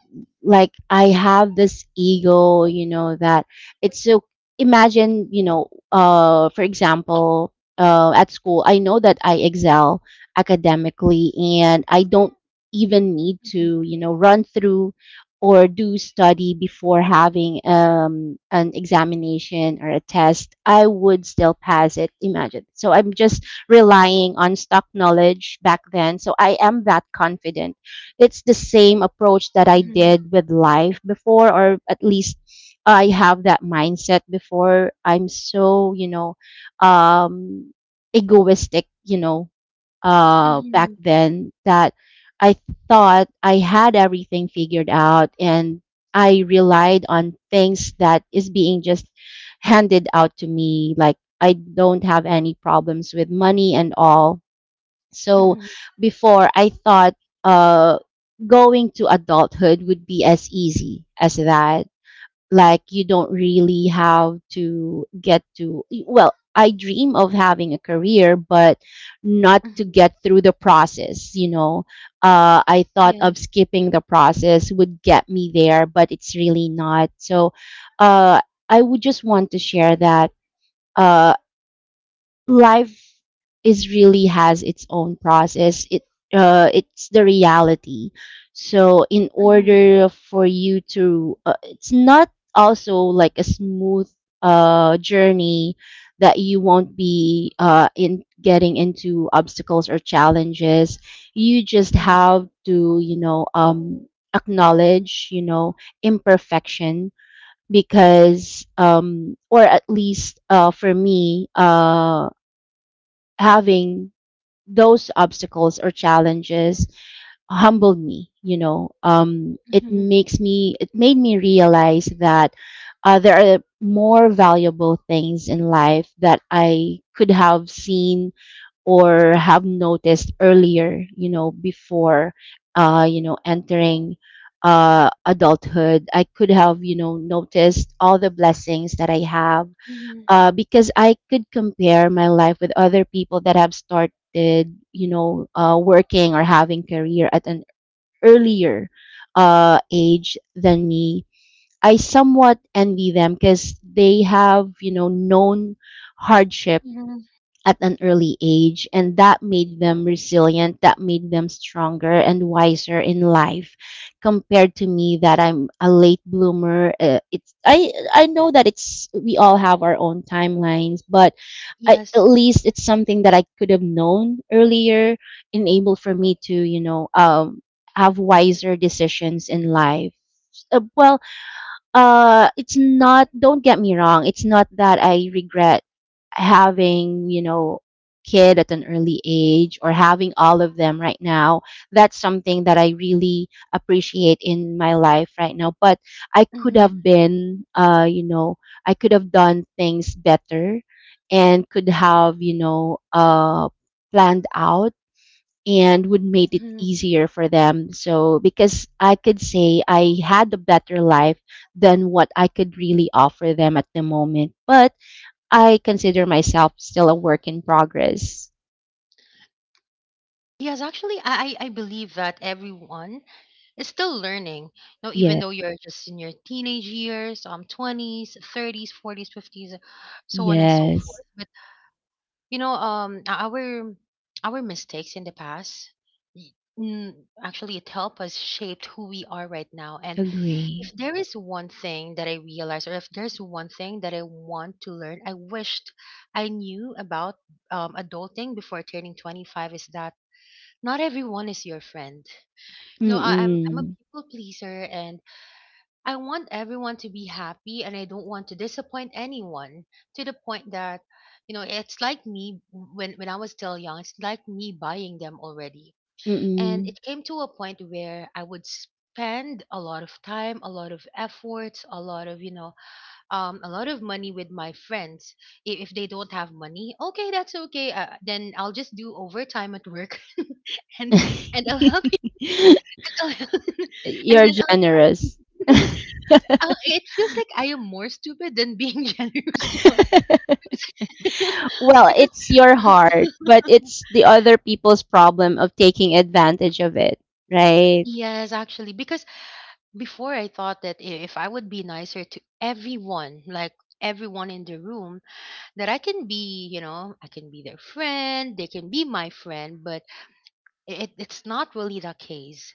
[SPEAKER 2] like I have this ego, you know, that it's so, imagine, you know, for example, at school I know that I excel academically, and I don't even need
[SPEAKER 1] mhm,
[SPEAKER 2] to, you know, run through or do study before having an examination or a test, I would still pass it, imagine. So I'm just relying on stock knowledge back then, so I am that confident. It's the same approach that I
[SPEAKER 1] mhm,
[SPEAKER 2] did with life before, or at least I have that mindset before. I'm so, you know, um, egoistic, you know, back
[SPEAKER 1] mhm,
[SPEAKER 2] then that I thought I had everything figured out, and I relied on things that is being just handed out to me. Like, I don't have any problems with money and all. So
[SPEAKER 1] mhm,
[SPEAKER 2] before I thought uh going to adulthood would be as easy as that. Like, you don't really have to get to, well, I dream of having a career, but not to
[SPEAKER 1] mhm.
[SPEAKER 2] get through the process, you know. I thought of
[SPEAKER 1] Yes.
[SPEAKER 2] skipping the process would get me there, but it's really not. So uh I would just want to share that uh life is really has its own process. It's the reality. So in
[SPEAKER 1] Mhm,
[SPEAKER 2] order for you to, it's not also like a smooth journey that you won't be in, getting into obstacles or challenges. You just
[SPEAKER 1] mhm,
[SPEAKER 2] have to, you know, acknowledge, you know, imperfection, because or at least for me, having those obstacles or challenges humbled me, you know. It
[SPEAKER 1] mhm,
[SPEAKER 2] makes me it made me realize that there are more valuable things in life that I could have seen or have noticed earlier, you know. Before you know, entering adulthood, I could have, you know, noticed all the blessings that I have,
[SPEAKER 1] mhm,
[SPEAKER 2] because I could compare my life with other people that have started, you know, working or having career at an earlier age than me. I somewhat envy them because they have, you know, known hardship
[SPEAKER 1] mhm.
[SPEAKER 2] at an early age, and that made them resilient, that made them stronger and wiser in life compared to me, that I'm a late bloomer. It's I know that it's we all have our own timelines, but I, at
[SPEAKER 1] Yes.
[SPEAKER 2] least, it's something that I could have known earlier, enable for me to, you know, have wiser decisions in life. Well, it's not, don't get me wrong, it's not that I regret having, you know, kid at an early age or having all of them right now. That's something that I really appreciate in my life right now, but I could
[SPEAKER 1] Mhm,
[SPEAKER 2] have been you know, I could have done things better and could have, you know, planned out and would make it
[SPEAKER 1] mhm.
[SPEAKER 2] easier for them. So, because I could say I had a better life than what I could really offer them at the moment, but I consider myself still a work in progress.
[SPEAKER 1] Yes, actually, I believe that everyone is still learning. You know, even
[SPEAKER 2] Yeah.
[SPEAKER 1] though you're just in your teenage years, 20s, 30s, 40s, 50s, so on and so
[SPEAKER 2] Yes.
[SPEAKER 1] forth. you know um our our mistakes in the past y- mm, actually it helped us shape who we are right now. And if
[SPEAKER 2] Agree.
[SPEAKER 1] there is one thing that I realized, or if there's one thing that I want to learn, I wished I knew about adulting before turning 25, is that not everyone is your friend. No, I'm a
[SPEAKER 2] Mm-mm.
[SPEAKER 1] people pleaser, and I want everyone to be happy, and I don't want to disappoint anyone, to the point that it's like me, when I was still young. It's like me buying them already. And
[SPEAKER 2] Mm-mm.
[SPEAKER 1] it came to a point where I would spend a lot of time, a lot of efforts, a lot of money with my friends. If they don't have money, okay, that's okay, then I'll just do overtime at work. [LAUGHS] and and I'll help you.
[SPEAKER 2] [LAUGHS]
[SPEAKER 1] [LAUGHS] and
[SPEAKER 2] You're
[SPEAKER 1] then I'll
[SPEAKER 2] generous. [LAUGHS]
[SPEAKER 1] It feels like I am more stupid than being [LAUGHS] generous one. Because, [LAUGHS]
[SPEAKER 2] Well,
[SPEAKER 1] because
[SPEAKER 2] it's your heart, but it's the other people's problem of taking advantage of it, right?
[SPEAKER 1] yes, actually, because before I thought that if I would be nicer to everyone, like everyone in the room, that I can be their friend, they can be my friend, but it's not really the case,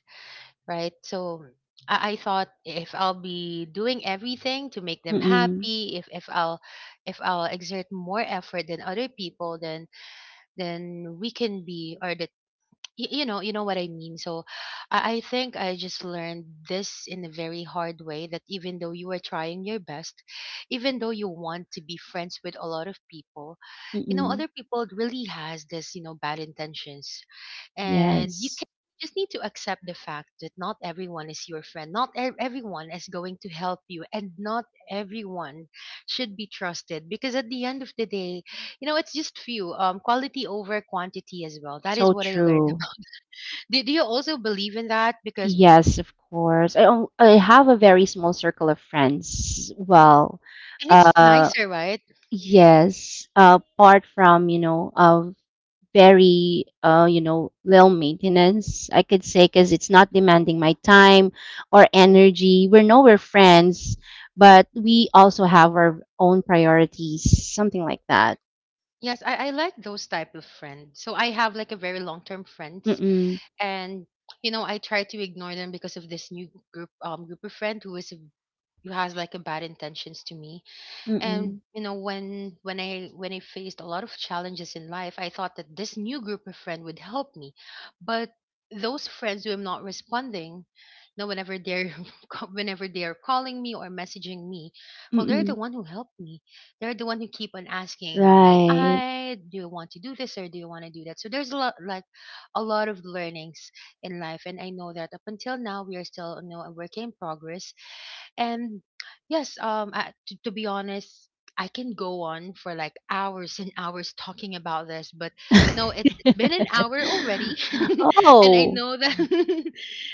[SPEAKER 1] right? So I thought if I'll be doing everything to make them
[SPEAKER 2] Mm-mm.
[SPEAKER 1] happy, if I'll exert more effort than other people, then we can be, or the you know what I mean. So I think I just learned this in a very hard way, that even though you are trying your best, even though you want to be friends with a lot of people, you know,
[SPEAKER 2] Mm-mm.
[SPEAKER 1] other people really has this, bad intentions. And you can
[SPEAKER 2] Yes.
[SPEAKER 1] just need to accept the fact that not everyone is your friend, not everyone is going to help you, and not everyone should be trusted, because at the end of the day, it's just few, quality over quantity as well. That is
[SPEAKER 2] So
[SPEAKER 1] what I learned.
[SPEAKER 2] true.
[SPEAKER 1] Do you also believe in that? Because.
[SPEAKER 2] Yes, of course. I have a very small circle of friends. Well,
[SPEAKER 1] And it's
[SPEAKER 2] uh
[SPEAKER 1] nicer, right?
[SPEAKER 2] yes, apart from, you know, of very you know, low maintenance, I could say, because it's not demanding my time or energy. We're nowhere friends, but we also have our own priorities, something like that.
[SPEAKER 1] Yes, I like those type of friends. So I have like a very long term friends,
[SPEAKER 2] Mm-mm,
[SPEAKER 1] and I try to ignore them because of this new group of friend who has like a bad intentions to me. And
[SPEAKER 2] mm-mm,
[SPEAKER 1] when I faced a lot of challenges in life, I thought that this new group of friends would help me. But those friends who am not responding, whenever they're [LAUGHS] whenever they're calling me or messaging me, well, they're the
[SPEAKER 2] mm-mm.
[SPEAKER 1] one who helped me. They're the one who keep on asking how am
[SPEAKER 2] Right.
[SPEAKER 1] I. Do you want to do this, or do you want to do that? So there's a lot, like a lot of learnings in life. And I know that up until now, we are still, a work in progress. And yes, to be honest, I can go on for like hours and hours talking about this. But no, it's been an hour
[SPEAKER 2] [LAUGHS]
[SPEAKER 1] already, [LAUGHS] and I
[SPEAKER 2] Oh.
[SPEAKER 1] know that [LAUGHS]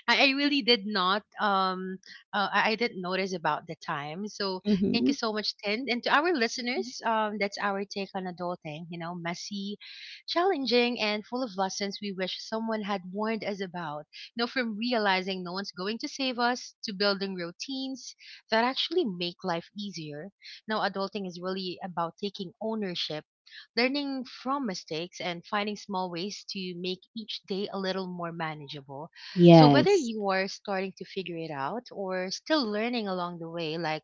[SPEAKER 1] I, I really did not um I didn't notice about the time. So thank you
[SPEAKER 2] Hmm.
[SPEAKER 1] so much, Tin, and to our listeners, that's our take on adulting. Messy, challenging, and full of lessons we wish someone had warned us about, from realizing no one's going to save us, to building routines that actually make life easier. Now, adulting is really about taking ownership, learning from mistakes, and finding small ways to make each day a little more manageable. So, whether
[SPEAKER 2] Yes.
[SPEAKER 1] you are starting to figure it out or still learning along the way, like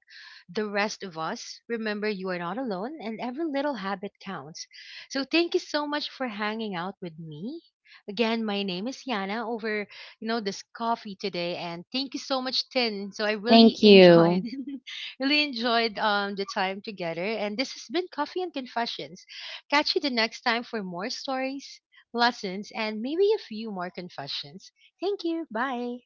[SPEAKER 1] the rest of us, remember you are not alone, and every little habit counts. So, thank you so much for hanging out with me. Again, my name is Yana over, this coffee today. And thank you so much, Tin. So I really
[SPEAKER 2] Thank
[SPEAKER 1] enjoyed,
[SPEAKER 2] you.
[SPEAKER 1] [LAUGHS] really enjoyed, the time together. And this has been Coffee and Confessions. Catch you the next time for more stories, lessons, and maybe a few more confessions. Thank you. Bye.